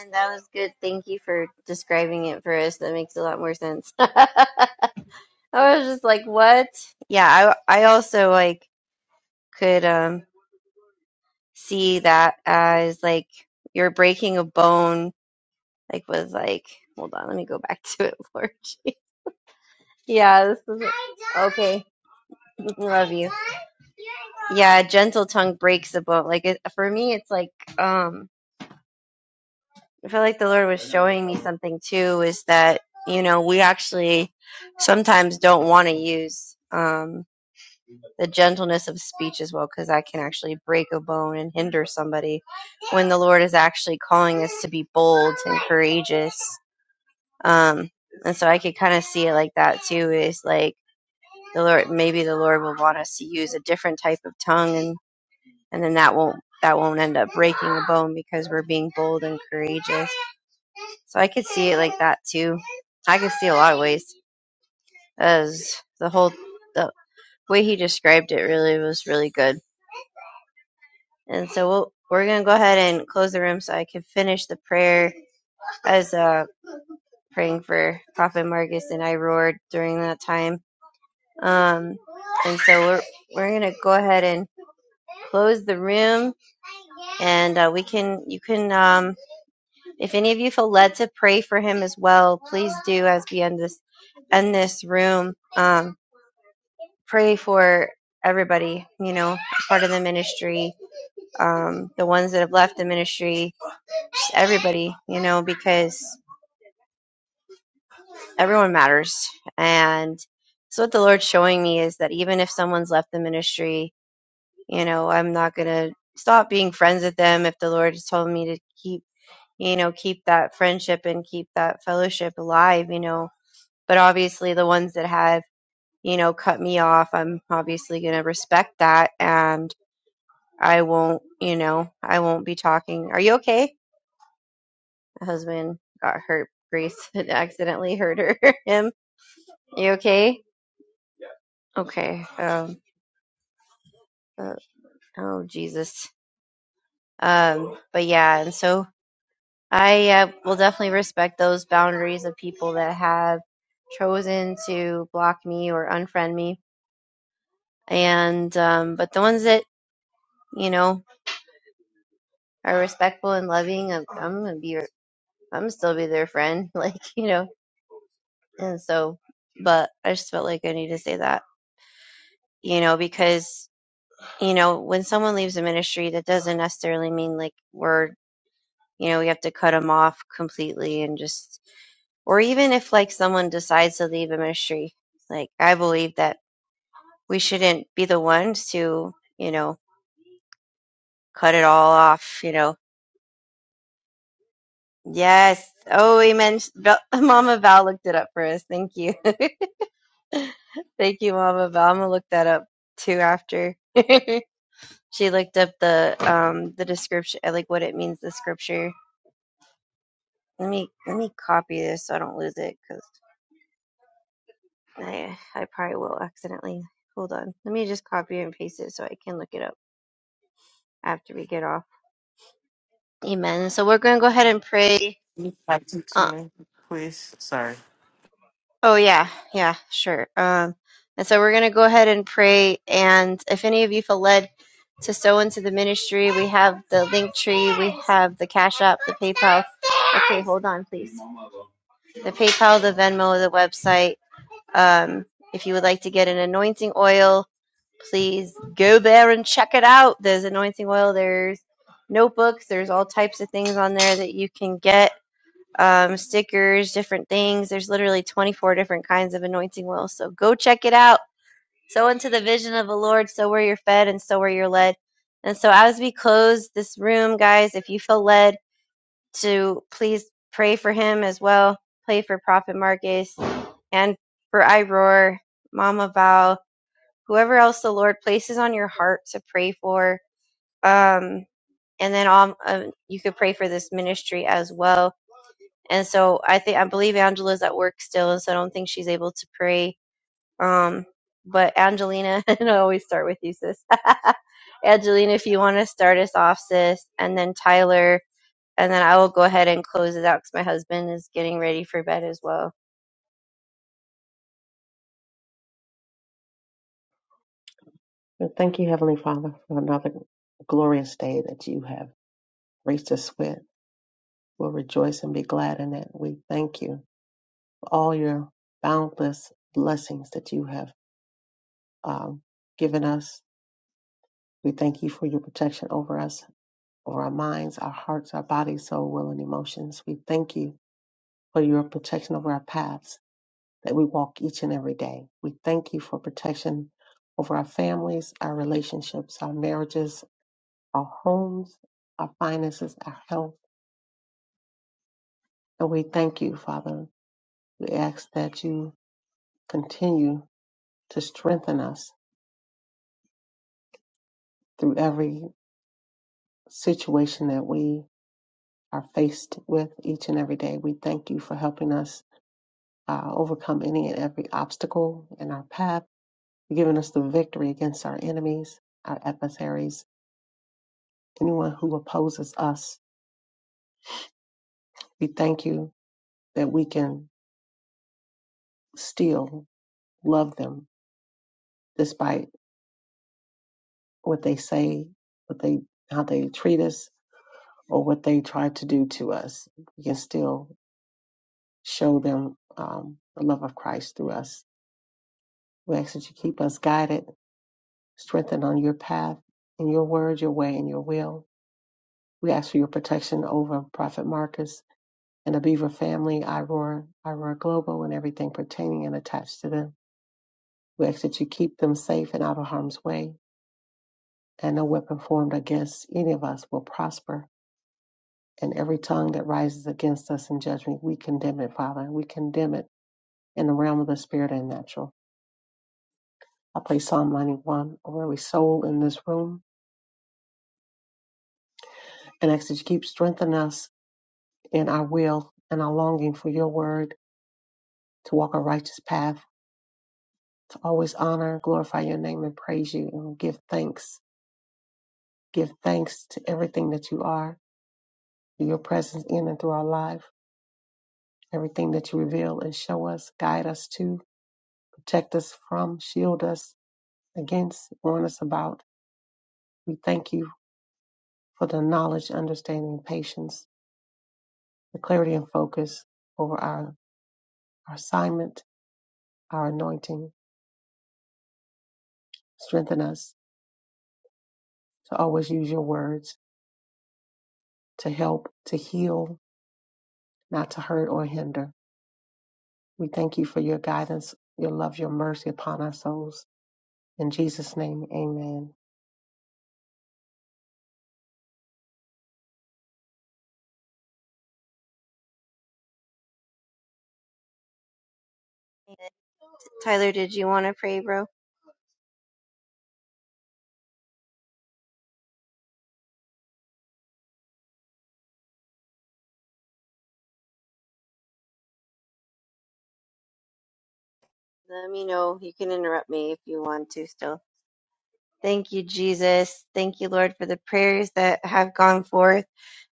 Speaker 2: Man, that was good. Thank you for describing it for us. That makes a lot more sense. I was just like, what? Yeah, I I also like could um see that as like you're breaking a bone, like with like hold on, let me go back to it, Lord. yeah, this is okay. Love you. Yeah, gentle tongue breaks a bone. Like it, for me, it's like um, I feel like the Lord was showing me something too. Is that you know we actually sometimes don't want to use. Um, the gentleness of speech as well, because that can actually break a bone and hinder somebody when the Lord is actually calling us to be bold and courageous. Um, and so I could kind of see it like that too is like the Lord, maybe the Lord will want us to use a different type of tongue and, and then that won't, that won't end up breaking a bone because we're being bold and courageous. So I could see it like that too. I could see a lot of ways as the whole, the way he described it really was really good. And so we'll, we're going to go ahead and close the room so I can finish the prayer as uh, praying for Prophet Marcus and I roared during that time. Um, and so we're we're going to go ahead and close the room, and uh, we can you can um, if any of you feel led to pray for him as well, please do as we end this end this room. Um, pray for everybody, you know, part of the ministry, um, the ones that have left the ministry, everybody, you know, because everyone matters. And so what the Lord's showing me is that even if someone's left the ministry, you know, I'm not gonna stop being friends with them if the Lord has told me to keep you know, keep that friendship and keep that fellowship alive, you know. But obviously the ones that have, you know, cut me off, I'm obviously gonna respect that and I won't, you know, I won't be talking. Are you okay? My husband got hurt Grace had accidentally hurt her him You okay? Okay. Um. uh, oh Jesus. Um. But yeah, and so I uh, will definitely respect those boundaries of people that have chosen to block me or unfriend me, and um. But the ones that you know are respectful and loving, I'm, I'm gonna be. your- I'm still be their friend. Like you know. And so, but I just felt like I need to say that. You know, because you know when someone leaves a ministry, that doesn't necessarily mean like we're you know, we have to cut them off completely and just, or even if like someone decides to leave a ministry, like I believe that we shouldn't be the ones to, you know, cut it all off, you know. Yes. Oh, amen. Val- Mama Val looked it up for us. Thank you. Thank you, Mama Val. I'm gonna look that up too after. she looked up the um the description, like what it means, the scripture. Let me let me copy this so I don't lose it because. I I probably will accidentally. Hold on. Let me just copy and paste it so I can look it up after we get off. Amen. So we're gonna go ahead and pray.
Speaker 5: Can you text it to
Speaker 2: Uh,
Speaker 5: me, please? Sorry.
Speaker 2: oh yeah, yeah, sure. Um, and so we're gonna go ahead and pray. And if any of you feel led to sow into the ministry, we have the link tree, we have the Cash App, the PayPal. Okay, hold on, please. The PayPal, the Venmo, the website. Um, if you would like to get an anointing oil please go there and check it out. There's anointing oil, there's notebooks, there's all types of things on there that you can get um, stickers, different things. There's literally 24 different kinds of anointing oil. So go check it out. So into the vision of the Lord, so where you're fed and so where you're led. And so as we close this room, guys, if you feel led to please pray for him as well, pray for Prophet Marcus and for Iroar, Mama Val, whoever else the Lord places on your heart to pray for. Um, and then um, um, you could pray for this ministry as well. And so I think I believe Angela's at work still, and so I don't think she's able to pray. Um, but Angelina, and I always start with you, sis. Angelina, if you want to start us off, sis, and then Tyler, and then I will go ahead and close it out because my husband is getting ready for bed as well.
Speaker 4: And Thank you, Heavenly Father, for another glorious day that you have graced us with. We'll rejoice and be glad in it. We thank you for all your boundless blessings that you have um, given us. We thank you for your protection over us, over our minds, our hearts, our bodies, soul, will, and emotions. We thank you for your protection over our paths. that we walk each and every day. We thank you for protection over our families, our relationships, our marriages, our homes, our finances, our health. And we thank you, Father. We ask that you continue to strengthen us through every situation that we are faced with each and every day. We thank you for helping us uh, overcome any and every obstacle in our path, giving us the victory against our enemies, our adversaries, anyone who opposes us We thank you that we can still love them despite what they say, what they how they treat us, or what they try to do to us. We can still show them um, the love of Christ through us. We ask that you keep us guided, strengthened on your path, in your word, your way, and your will. We ask for your protection over Prophet Marcus and the Beaver family, Iroar, Iroar Global, and everything pertaining and attached to them. We ask that you keep them safe and out of harm's way and no weapon formed against any of us will prosper. And every tongue that rises against us in judgment, we condemn it, Father, and we condemn it in the realm of the spirit and natural. I pray Psalm 91 over every soul in this room and ask that you keep strengthening us in our will and our longing for your word to walk a righteous path, to always honor, glorify your name, and praise you, and give thanks. Give thanks to everything that you are, to your presence in and through our life, everything that you reveal and show us, guide us to. protect us from, shield us against, warn us about. We thank you for the knowledge, understanding, patience, the clarity and focus over our, our assignment, our anointing. Strengthen us to always use your words to help, to heal, not to hurt or hinder. We thank you for your guidance, your love, your mercy upon our souls. In Jesus' name, amen.
Speaker 2: Tyler, did you want to pray, bro? Let me know. You can interrupt me if you want to still. Thank you, Jesus. Thank you, Lord, for the prayers that have gone forth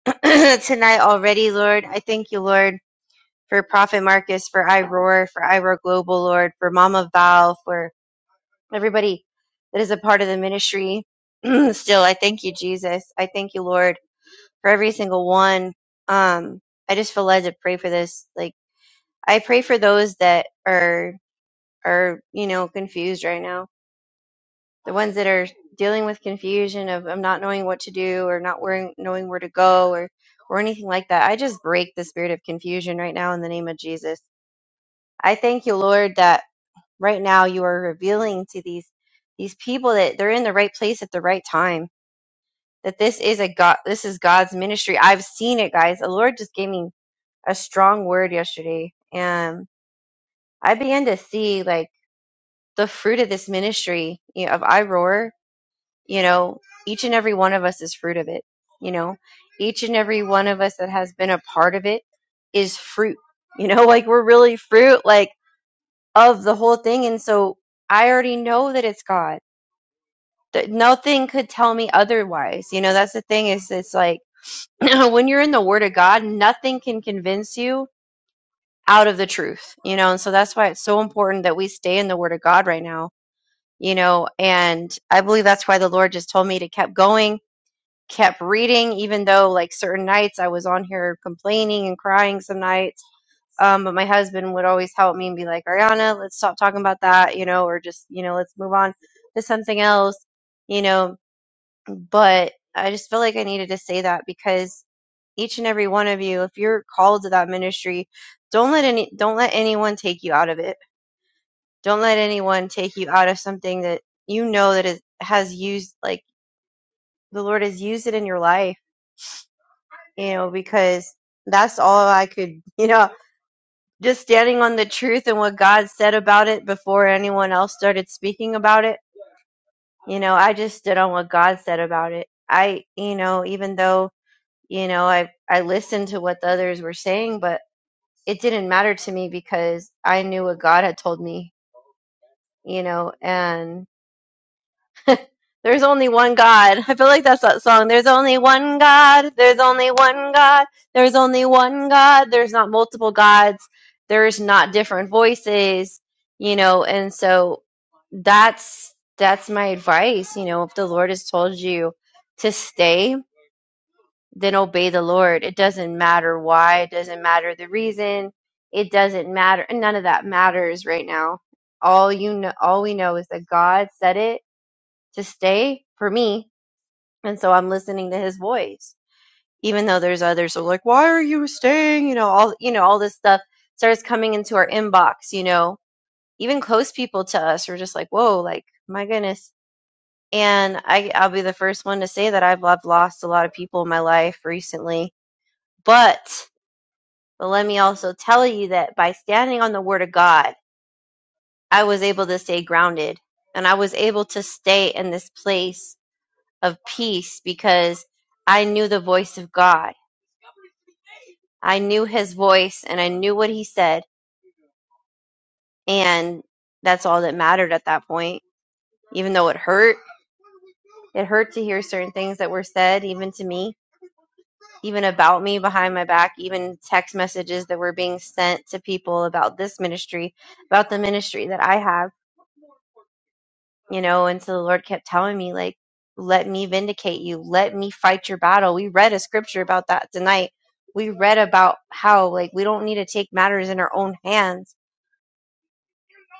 Speaker 2: tonight already, Lord. I thank you, Lord, for Prophet Marcus, for iRoar, for iRoar Global, Lord, for Mama Val, for everybody that is a part of the ministry. Still, I thank you, Jesus. I thank you, Lord, for every single one. Um, I just feel led to pray for this. Like, I pray for those that are, are, you know, confused right now the ones that are dealing with confusion of, of not knowing what to do or not where, knowing where to go or or anything like that. I just break the spirit of confusion right now in the name of Jesus. I thank you, Lord, that right now you are revealing to these these people that they're in the right place at the right time. That this is a God, this is God's ministry. I've seen it, guys. The Lord just gave me a strong word yesterday, and I began to see like the fruit of this ministry you know, of I Roar you know each and every one of us is fruit of it you know each and every one of us that has been a part of it is fruit you know like we're really fruit like of the whole thing and so i already know that it's god that nothing could tell me otherwise you know that's the thing is it's like when you're in the word of god nothing can convince you out of the truth you know and so that's why it's so important that we stay in the word of god right now you know and i believe that's why the lord just told me to keep going kept reading, even though like certain nights I was on here complaining and crying some nights. Um, but my husband would always help me and be like, Ariana, let's stop talking about that, you know, or just, you know, let's move on to something else, you know. But I just feel like I needed to say that because each and every one of you, if you're called to that ministry, don't let any don't let anyone take you out of it. Don't let anyone take you out of something that you know that is has used like the Lord has used it in your life you know, because that's all I could, you know, just standing on the truth and what God said about it before anyone else started speaking about it. You know, I just stood on what God said about it. I, you know, even though, you know, I I listened to what the others were saying, but it didn't matter to me because I knew what God had told me, you know, and. There's only one God. I feel like that's that song. There's only one God. There's only one God. There's only one God. There's not multiple gods. There's not different voices, you know, and so that's that's my advice, you know, if the Lord has told you to stay, then obey the Lord. It doesn't matter why, it doesn't matter the reason, it doesn't matter and none of that matters right now. All you know all we know is that God said it to stay for me. And so I'm listening to his voice, even though there's others who are like, why are you staying? You know, all, you know, all this stuff starts coming into our inbox, you know, even close people to us are just like, whoa, like, my goodness. And I, I'll be the first one to say that I've, I've lost a lot of people in my life recently. But, but let me also tell you that by standing on the word of God, I was able to stay grounded and I was able to stay in this place of peace because I knew the voice of God. I knew his voice and I knew what he said. And that's all that mattered at that point. Even though it hurt, it hurt to hear certain things that were said, even to me, even about me behind my back, even text messages that were being sent to people about this ministry, about the ministry that I have. you know and so the lord kept telling me like let me vindicate you let me fight your battle we read a scripture about that tonight we read about how like we don't need to take matters in our own hands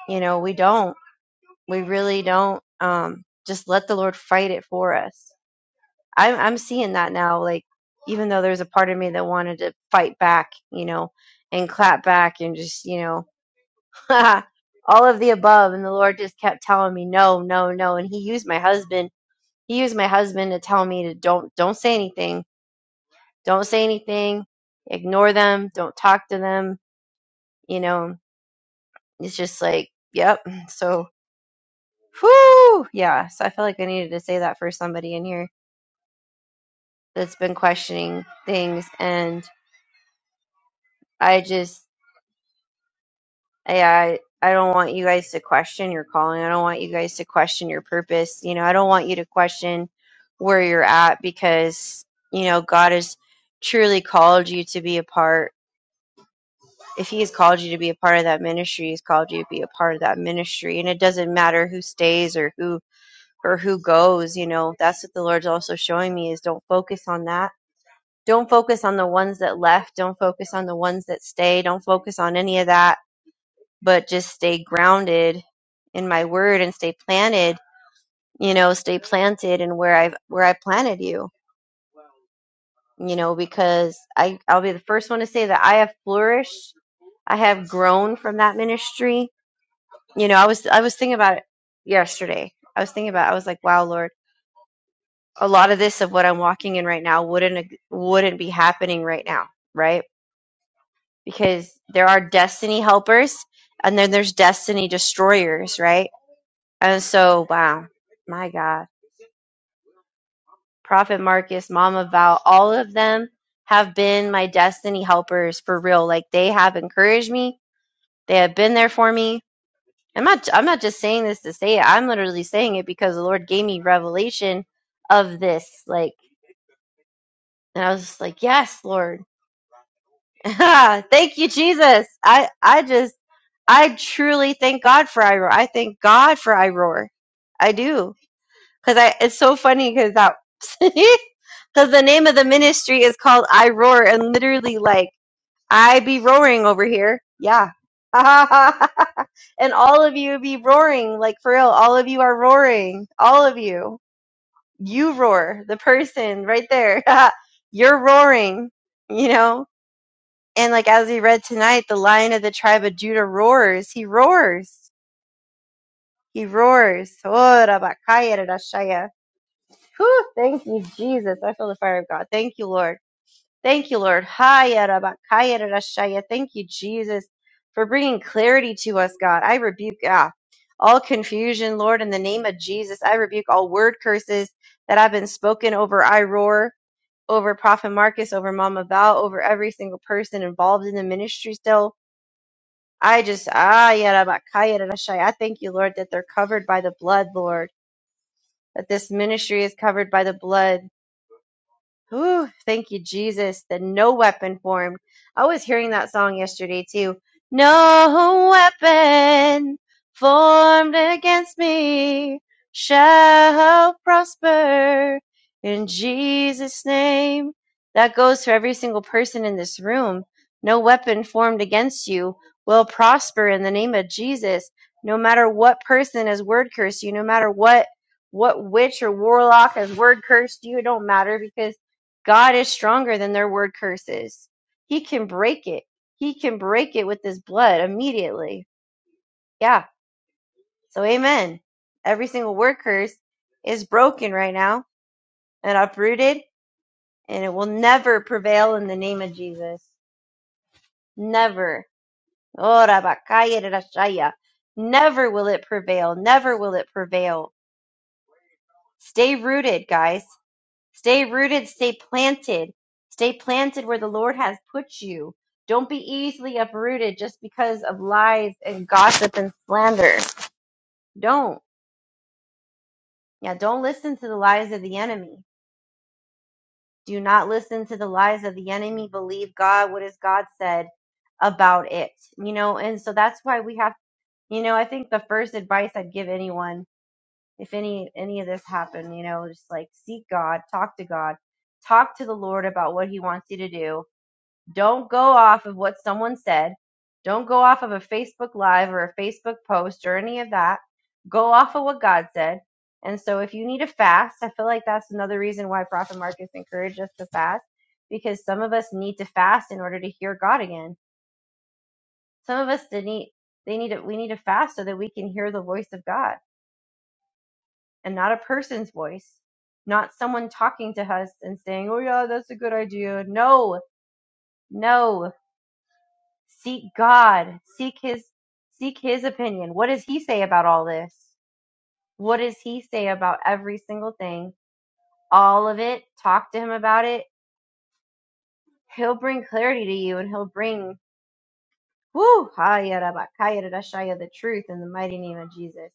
Speaker 2: you know we don't we really don't um just let the lord fight it for us i'm i'm seeing that now like even though there's a part of me that wanted to fight back you know and clap back and just you know all of the above and the lord just kept telling me no no no and he used my husband He used my husband to tell me to don't don't say anything. Don't say anything. Ignore them. Don't talk to them. You know, it's just like, yep. So whoo yeah. So I feel like I needed to say that for somebody in here that's been questioning things and I just yeah, I, I don't want you guys to question your calling. I don't want you guys to question your purpose. You know, I don't want you to question where you're at because, you know, God has truly called you to be a part. if he has called you to be a part of that ministry, he's called you to be a part of that ministry. And it doesn't matter who stays or who or who goes, you know, that's what the Lord's also showing me is don't focus on that. Don't focus on the ones that left. Don't focus on the ones that stay. Don't focus on any of that, but just stay grounded in my word and stay planted, you know, stay planted in where I've where I planted you, you know, because I I'll be the first one to say that I have flourished. I have grown from that ministry You know, I was I was thinking about it yesterday. I was thinking about I was like, wow, Lord, a lot of this of what I'm walking in right now wouldn't wouldn't be happening right now, right? Because there are destiny helpers and then there's destiny destroyers, right? And so, wow, my God, Prophet Marcus, Mama Val, all of them have been my destiny helpers for real. Like they have encouraged me. They have been there for me I'm not I'm not just saying this to say it. I'm literally saying it because the Lord gave me revelation of this. Like and I was just like, Yes, Lord. thank you, Jesus. I I just I truly thank God for I roar. I thank God for I roar. I do. Cause I it's so funny because that because the name of the ministry is called I roar and literally like I be roaring over here. Yeah. and all of you be roaring, like for real. All of you are roaring. All of you. You roar. The person right there. You're roaring, you know? And like as we read tonight, the lion of the tribe of Judah roars. He roars. He roars. Oh, Rabakaya Rarashaya. Whew, thank you, Jesus. I feel the fire of God. Thank you, Lord. Thank you, Lord. Haya rabakaya rarashaya. Thank you, Jesus, for bringing clarity to us, God. I rebuke ah, all confusion, Lord, in the name of Jesus. I rebuke all word curses that have been spoken over I Roar, over Prophet Marcus, over Mama Val, over every single person involved in the ministry still. I just, ah, yeah, rabakaya I thank you, Lord, that they're covered by the blood, Lord, that this ministry is covered by the blood. Ooh, thank you, Jesus. The no weapon formed. I was hearing that song yesterday too. No weapon formed against me shall prosper in Jesus' name. That goes for every single person in this room. No weapon formed against you will prosper in the name of Jesus. No matter what person has word cursed you, no matter what what witch or warlock has word cursed you, it don't matter because God is stronger than their word curses. He can break it. He can break it with his blood immediately. Yeah. So amen. Every single word curse is broken right now and uprooted and it will never prevail in the name of Jesus. Never. Ora bakaya rashaya. Never will it prevail. Never will it prevail. Stay rooted, guys. Stay rooted, stay planted. Stay planted where the Lord has put you. Don't be easily uprooted just because of lies and gossip and slander. Don't. Yeah, don't listen to the lies of the enemy. Do not listen to the lies of the enemy. Believe God. What has God said about it? You know, and so that's why we have, you know, I think the first advice I'd give anyone if any any of this happened, you know, just like seek God, talk to God, talk to the Lord about what he wants you to do Don't go off of what someone said. Don't go off of a Facebook Live or a Facebook post or any of that. Go off of what God said. And so if you need a fast, I feel like that's another reason why Prophet Marcus encouraged us to fast because some of us need to fast in order to hear God again. Some of us that need they need to, we need to fast so that we can hear the voice of God and not a person's voice, not someone talking to us and saying, "Oh yeah, that's a good idea." No, no. Seek God. Seek his seek his opinion. What does he say about all this? What does he say about every single thing? All of it. Talk to him about it. He'll bring clarity to you and he'll bring woo the truth in the mighty name of Jesus.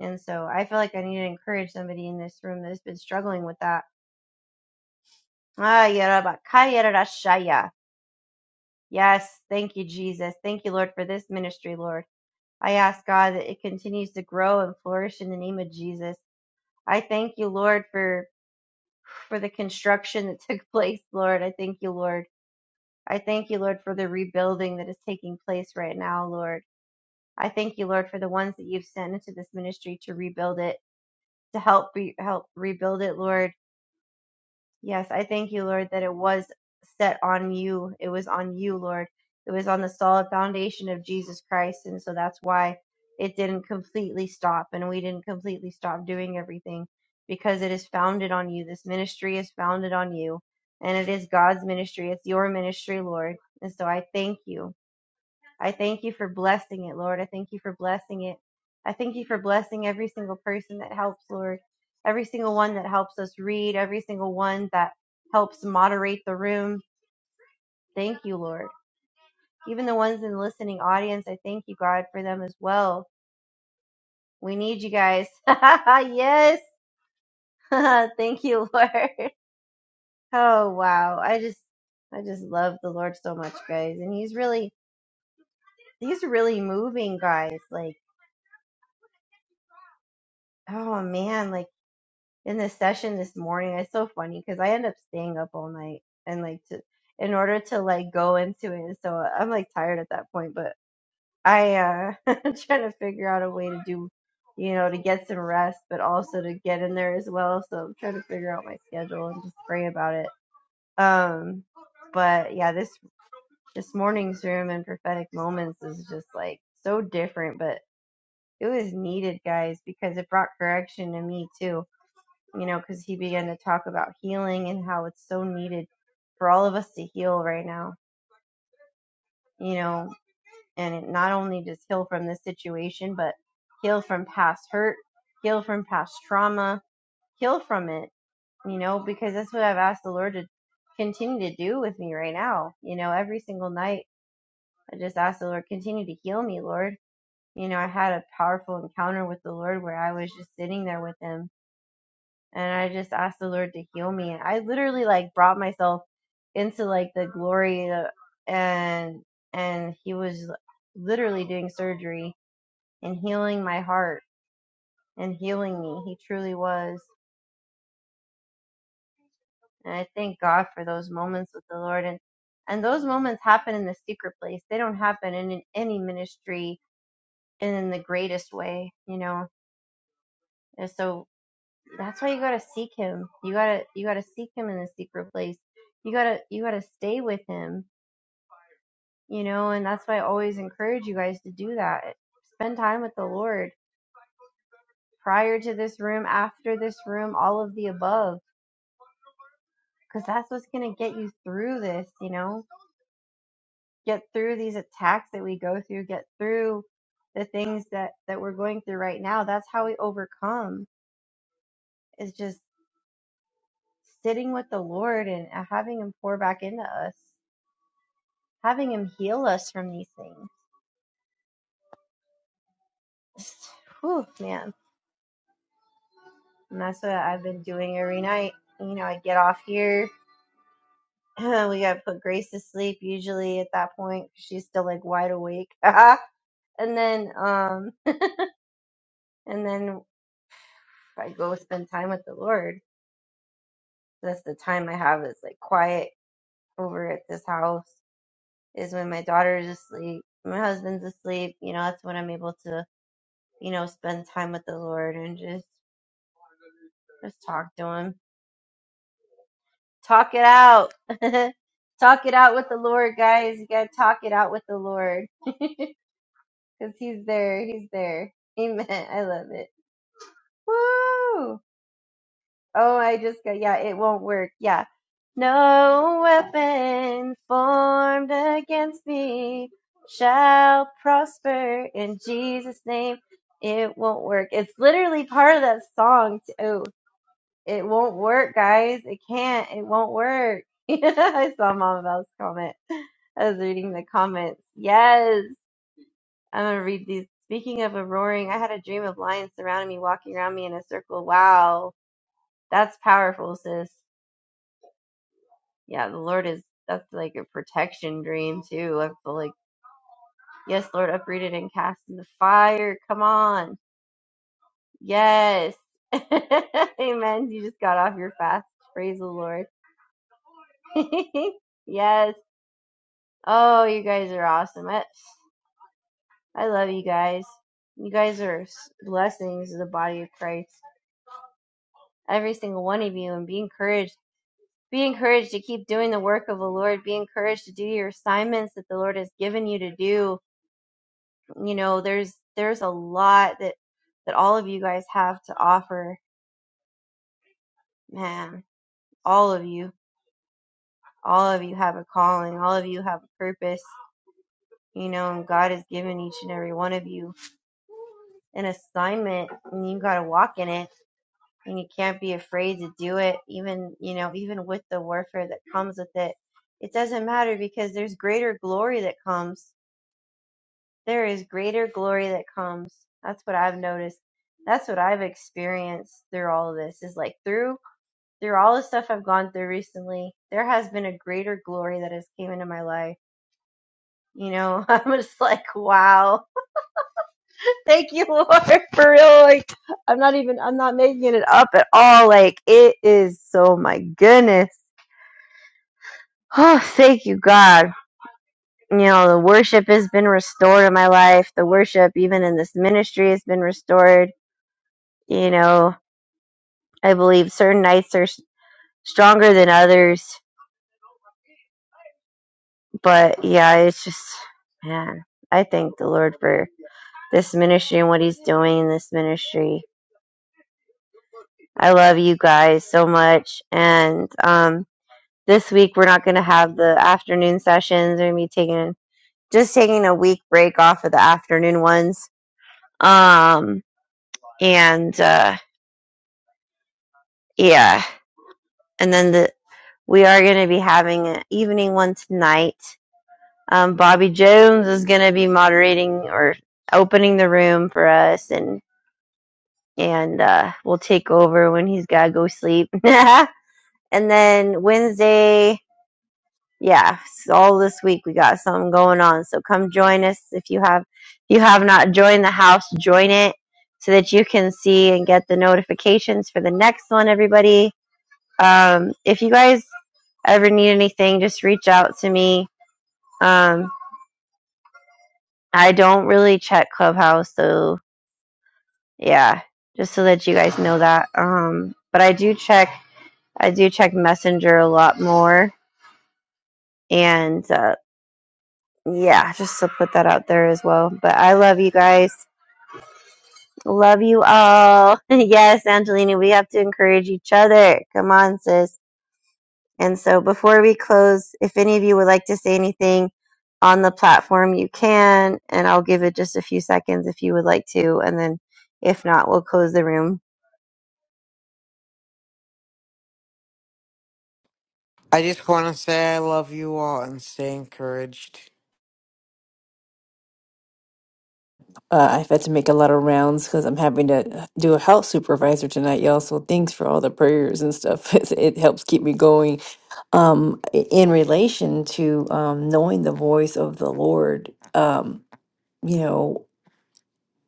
Speaker 2: And so I feel like I need to encourage somebody in this room that's been struggling with that. Ah, yarabakayarashaya. Yes, thank you, Jesus. Thank you, Lord, for this ministry, Lord. I ask God that it continues to grow and flourish in the name of Jesus. I thank you, Lord, for for the construction that took place, Lord. I thank you, Lord. I thank you, Lord, for the rebuilding that is taking place right now, Lord. I thank you, Lord, for the ones that you've sent into this ministry to rebuild it, to help re- help rebuild it, Lord Yes, I thank you, Lord, that it was set on you. It was on you, Lord. It was on the solid foundation of Jesus Christ. And so that's why it didn't completely stop and we didn't completely stop doing everything because it is founded on you. This ministry is founded on you and it is God's ministry. It's your ministry, Lord. And so I thank you. I thank you for blessing it, Lord. I thank you for blessing it. I thank you for blessing every single person that helps, Lord. Every single one that helps us read, every single one that helps moderate the room. Thank you, Lord. Even the ones in the listening audience, I thank you, God, for them as well. We need you guys. yes. thank you, Lord. Oh, wow. I just I just love the Lord so much, guys. And he's really he's really moving, guys. Like, oh man, like in this session this morning. It's so funny because I end up staying up all night and like to in order to like go into it. So I'm like tired at that point, but I uh I'm trying to figure out a way to do you know to get some rest, but also to get in there as well. So I'm trying to figure out my schedule and just pray about it. Um, but yeah, this this morning's room and prophetic moments is just like so different, but it was needed, guys, because it brought correction to me too you know, because he began to talk about healing and how it's so needed for all of us to heal right now, you know, and it not only just heal from this situation, but heal from past hurt, heal from past trauma, heal from it, you know, because that's what I've asked the Lord to continue to do with me right now. You know, every single night, I just ask the Lord, continue to heal me, Lord. You know, I had a powerful encounter with the Lord where I was just sitting there with Him and I just asked the Lord to heal me. And I literally like brought myself into like the glory uh, and and he was literally doing surgery and healing my heart and healing me. He truly was. And I thank God for those moments with the Lord and and those moments happen in the secret place. They don't happen in, in any ministry and in the greatest way, you know. And so That's why you gotta seek him. You gotta you gotta seek him in the secret place. You gotta you gotta stay with him, you know, and that's why I always encourage you guys to do that. Spend time with the Lord prior to this room, after this room, all of the above. Because that's what's gonna get you through this, you know? Get through these attacks that we go through, get through the things that, that we're going through right now. That's how we overcome is just sitting with the Lord and having him pour back into us. having him heal us from these things. Just, Whew, man. And that's what I've been doing every night. You know, I get off here. we gotta put Grace to sleep usually at that point. She's still like wide awake. and then um and then I go spend time with the Lord. That's the time I have is like quiet over at this house is when my daughter's asleep, my husband's asleep, you know, that's when I'm able to, you know, spend time with the Lord and just just talk to him Talk it out. talk it out with the Lord, guys. You gotta talk it out with the Lord. Because he's there. He's there. Amen. I love it. Woo! Oh, I just got yeah, it won't work. Yeah. No weapon formed against me shall prosper in Jesus' name. It won't work. It's literally part of that song too. It won't work, guys. It can't. It won't work. I saw Mama Val's comment. I was reading the comments. Yes, I'm gonna read these. Speaking of a roaring, I had a dream of lions surrounding me, walking around me in a circle. Wow, that's powerful, sis. Yeah, the Lord is. That's like a protection dream too. I feel like, yes, Lord, uprooted and cast in the fire. Come on, yes, amen. You just got off your fast. Praise the Lord. yes. Oh, you guys are awesome. I, I love you guys. You guys are s- blessings to the body of Christ. Every single one of you, and be encouraged. Be encouraged to keep doing the work of the Lord. Be encouraged to do your assignments that the Lord has given you to do. You know, there's there's a lot that that all of you guys have to offer. Man, all of you, all of you have a calling. All of you have a purpose. You know, and God has given each and every one of you an assignment, and you got to walk in it and you can't be afraid to do it even you know even with the warfare that comes with it it doesn't matter because there's greater glory that comes there is greater glory that comes that's what i've noticed that's what i've experienced through all of this is like through through all the stuff i've gone through recently there has been a greater glory that has came into my life you know i'm just like wow thank you lord for real like i'm not even i'm not making it up at all like it is Oh my goodness Oh, thank you, God. You know, the worship has been restored in my life. The worship, even in this ministry, has been restored. You know, I believe certain nights are s- stronger than others. But yeah, it's just, man, I thank the Lord for this ministry and what He's doing in this ministry. I love you guys so much. And um, this week, we're not going to have the afternoon sessions. We're going to be taking just taking a week break off of the afternoon ones. Um, and uh, yeah, and then the we are going to be having an evening one tonight. Um, Bobby Jones is going to be moderating or opening the room for us, and and uh, we'll take over when he's got to go sleep. and then Wednesday, yeah, s- all this week we got something going on. So come join us if you have if you have not joined the house, join it so that you can see and get the notifications for the next one. Everybody Um, if you guys ever need anything, just reach out to me. Um, I don't really check Clubhouse, so yeah, just so that you guys know that. Um, but I do check, I do check Messenger a lot more, and uh, yeah, just to put that out there as well. But I love you guys, love you all. yes, Angelina, we have to encourage each other. Come on, sis. And so before we close, if any of you would like to say anything on the platform, you can, and I'll give it just a few seconds if you would like to. And then if not, we'll close the room.
Speaker 5: I just want to say I love you all and stay encouraged.
Speaker 3: Uh, I've had to make a lot of rounds because I'm having to do a house supervisor tonight, y'all. So thanks for all the prayers and stuff. It's- It helps keep me going. Um, i- in relation to um, knowing the voice of the Lord, um, you know,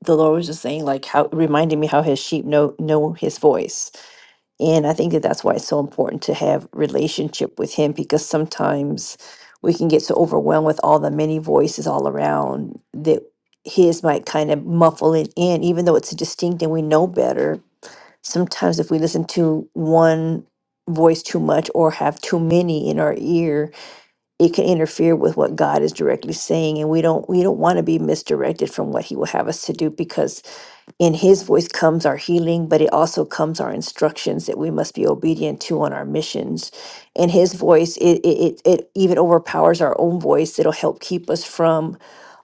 Speaker 3: the Lord was just saying like how reminding me how His sheep know know His voice and I think that that's why it's so important to have relationship with him because sometimes we can get so overwhelmed with all the many voices all around that his might kind of muffle it in, even though it's distinct and we know better. Sometimes if we listen to one voice too much or have too many in our ear, it can interfere with what God is directly saying, and we don't we don't want to be misdirected from what He will have us to do because in His voice comes our healing, but it also comes our instructions that we must be obedient to on our missions. And His voice, it it it, it even overpowers our own voice. It'll help keep us from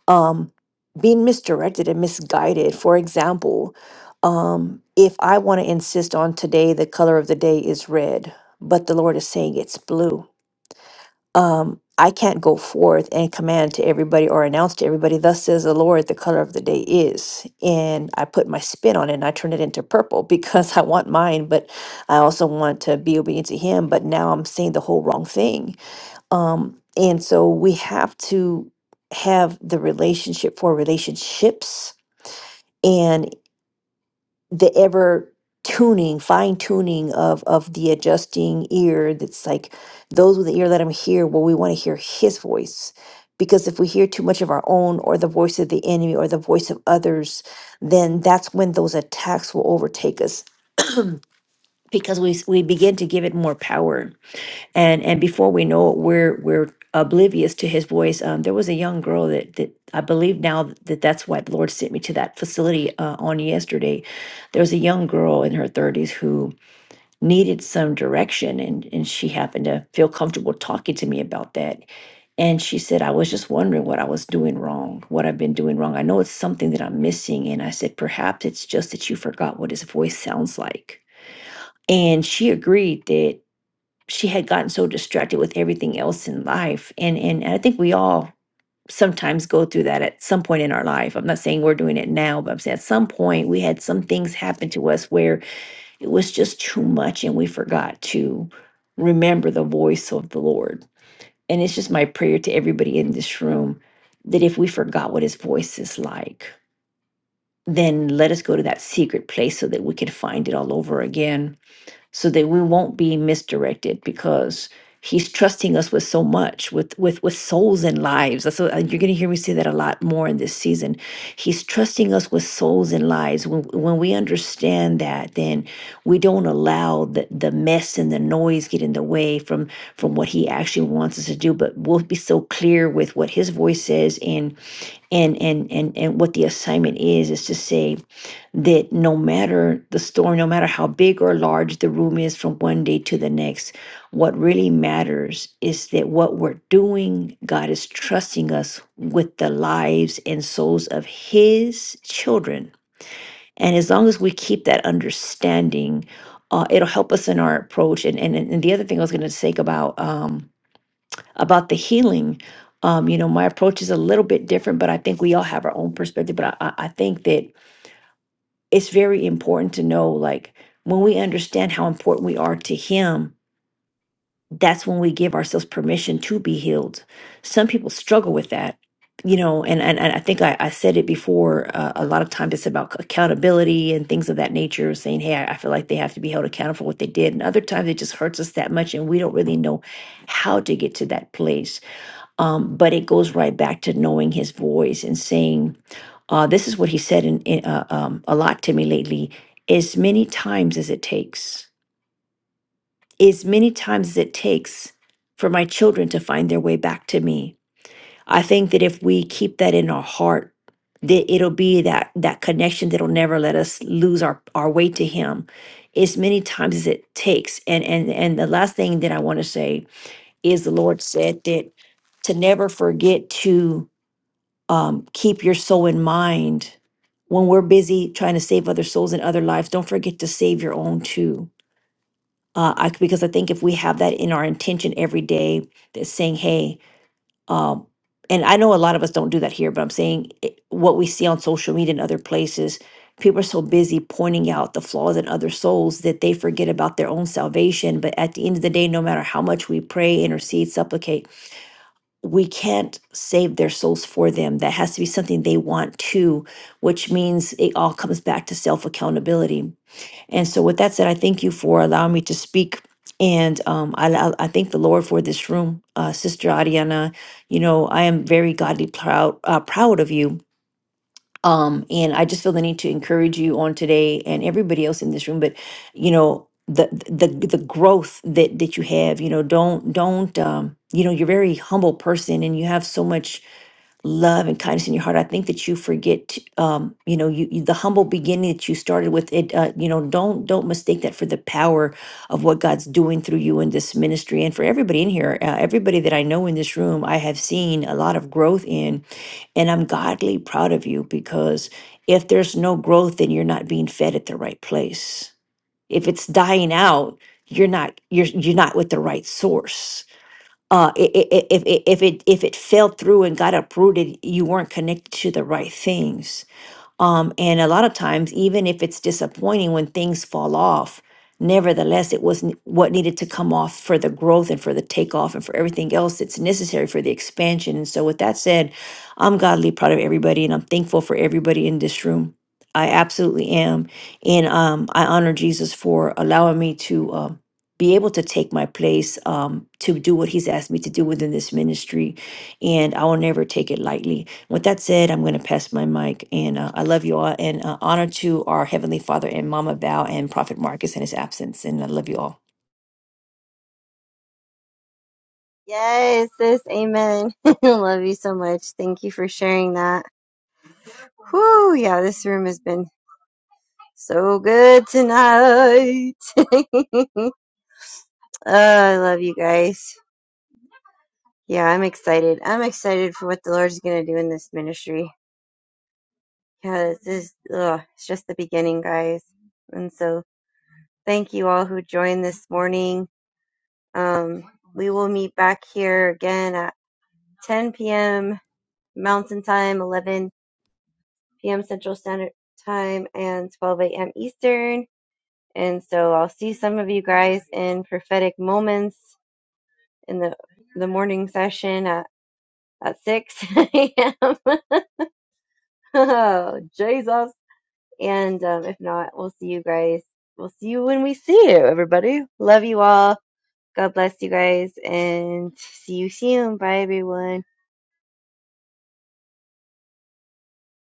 Speaker 3: um, being misdirected and misguided. For example, um, if I want to insist on today, the color of the day is red, but the Lord is saying it's blue um, I can't go forth and command to everybody or announce to everybody, thus says the Lord, the color of the day is. And I put my spin on it and I turn it into purple because I want mine, but I also want to be obedient to Him. But now I'm saying the whole wrong thing. Um, and so we have to have the relationship for relationships. And the ever tuning, fine tuning of of the adjusting ear that's like those with the ear let him hear well we want to hear his voice because if we hear too much of our own or the voice of the enemy or the voice of others then that's when those attacks will overtake us because we s- we begin to give it more power and and before we know it we're we're oblivious to his voice um, there was a young girl that that i believe now that that's why the lord sent me to that facility uh, on yesterday there was a young girl in her 30s who needed some direction and and she happened to feel comfortable talking to me about that and she said i was just wondering what i was doing wrong what i've been doing wrong i know it's something that i'm missing and i said perhaps it's just that you forgot what his voice sounds like and she agreed that she had gotten so distracted with everything else in life and and i think we all sometimes go through that at some point in our life i'm not saying we're doing it now but i'm saying at some point we had some things happen to us where it was just too much and we forgot to remember the voice of the lord and it's just my prayer to everybody in this room that if we forgot what his voice is like then let us go to that secret place so that we can find it all over again so that we won't be misdirected because he's trusting us with so much with with with souls and lives that's what, uh, you're going to hear me say that a lot more in this season he's trusting us with souls and lives when, when we understand that then we don't allow the, the mess and the noise get in the way from from what he actually wants us to do but we'll be so clear with what his voice says and and and and and what the assignment is is to say that no matter the storm no matter how big or large the room is from one day to the next what really matters is that what we're doing god is trusting us with the lives and souls of his children and as long as we keep that understanding uh, it'll help us in our approach and and, and the other thing i was going to say about um, about the healing. Um, you know, my approach is a little bit different, but I think we all have our own perspective. But I, I I think that it's very important to know, like, when we understand how important we are to Him, that's when we give ourselves permission to be healed. Some people struggle with that, you know, and and, and I think I, I said it before. Uh, a lot of times it's about accountability and things of that nature, saying, "Hey, I, I feel like they have to be held accountable for what they did," and other times it just hurts us that much, and we don't really know how to get to that place um, but it goes right back to knowing his voice and saying uh, this is what he said in, in, uh, um, a lot to me lately as many times as it takes as many times as it takes for my children to find their way back to me i think that if we keep that in our heart that it'll be that that connection that'll never let us lose our our way to him as many times as it takes and and and the last thing that i want to say is the lord said that to never forget to um, keep your soul in mind when we're busy trying to save other souls and other lives don't forget to save your own too uh, I, because i think if we have that in our intention every day that's saying hey um, and i know a lot of us don't do that here but i'm saying it, what we see on social media and other places people are so busy pointing out the flaws in other souls that they forget about their own salvation but at the end of the day no matter how much we pray intercede supplicate we can't save their souls for them. That has to be something they want to, which means it all comes back to self accountability. And so, with that said, I thank you for allowing me to speak. And um, I, allow- I thank the Lord for this room, uh, Sister Ariana. You know, I am very godly proud, uh, proud of you um, and I just feel the need to encourage you on today and everybody else in this room. But you know, the the the growth that that you have, you know, don't don't um, you know, you're a very humble person and you have so much love and kindness in your heart. I think that you forget, to, um, you know, you, you the humble beginning that you started with. It, uh, you know, don't don't mistake that for the power of what God's doing through you in this ministry and for everybody in here. Uh, everybody that I know in this room, I have seen a lot of growth in, and I'm godly proud of you because if there's no growth, then you're not being fed at the right place. If it's dying out, you're not you're you're not with the right source uh, i- i- i- if, i- if it if it fell through and got uprooted, you weren't connected to the right things um, and a lot of times, even if it's disappointing when things fall off, nevertheless, it was n- what needed to come off for the growth and for the takeoff and for everything else that's necessary for the expansion. And so, with that said, I'm godly proud of everybody and I'm thankful for everybody in this room. I absolutely am. And um, I honor Jesus for allowing me to um, be able to take my place um, to do what he's asked me to do within this ministry. And I will never take it lightly. With that said, I'm going to pass my mic, and uh, I love you all, and uh, honor to our Heavenly Father and Mama Val and Prophet Marcus in his absence, and I love you all.
Speaker 2: Yes, sis, amen. Love you so much. Thank you for sharing that. Whew, yeah, this room has been so good tonight. oh, I love you guys. Yeah, I'm excited. I'm excited for what the Lord's going to do in this ministry. yeah, this is ugh, it's just the beginning, guys. And so, thank you all who joined this morning. Um, we will meet back here again at 10 p.m. Mountain Time, 11 p.m. Central Standard Time, and 12 a.m. Eastern. And so, I'll see some of you guys in prophetic moments in the the morning session at at 6 a.m. oh, Jesus. And um, if not, we'll see you guys. We'll see you when we see you, everybody. Love you all. God bless you guys and see you soon. Bye, everyone.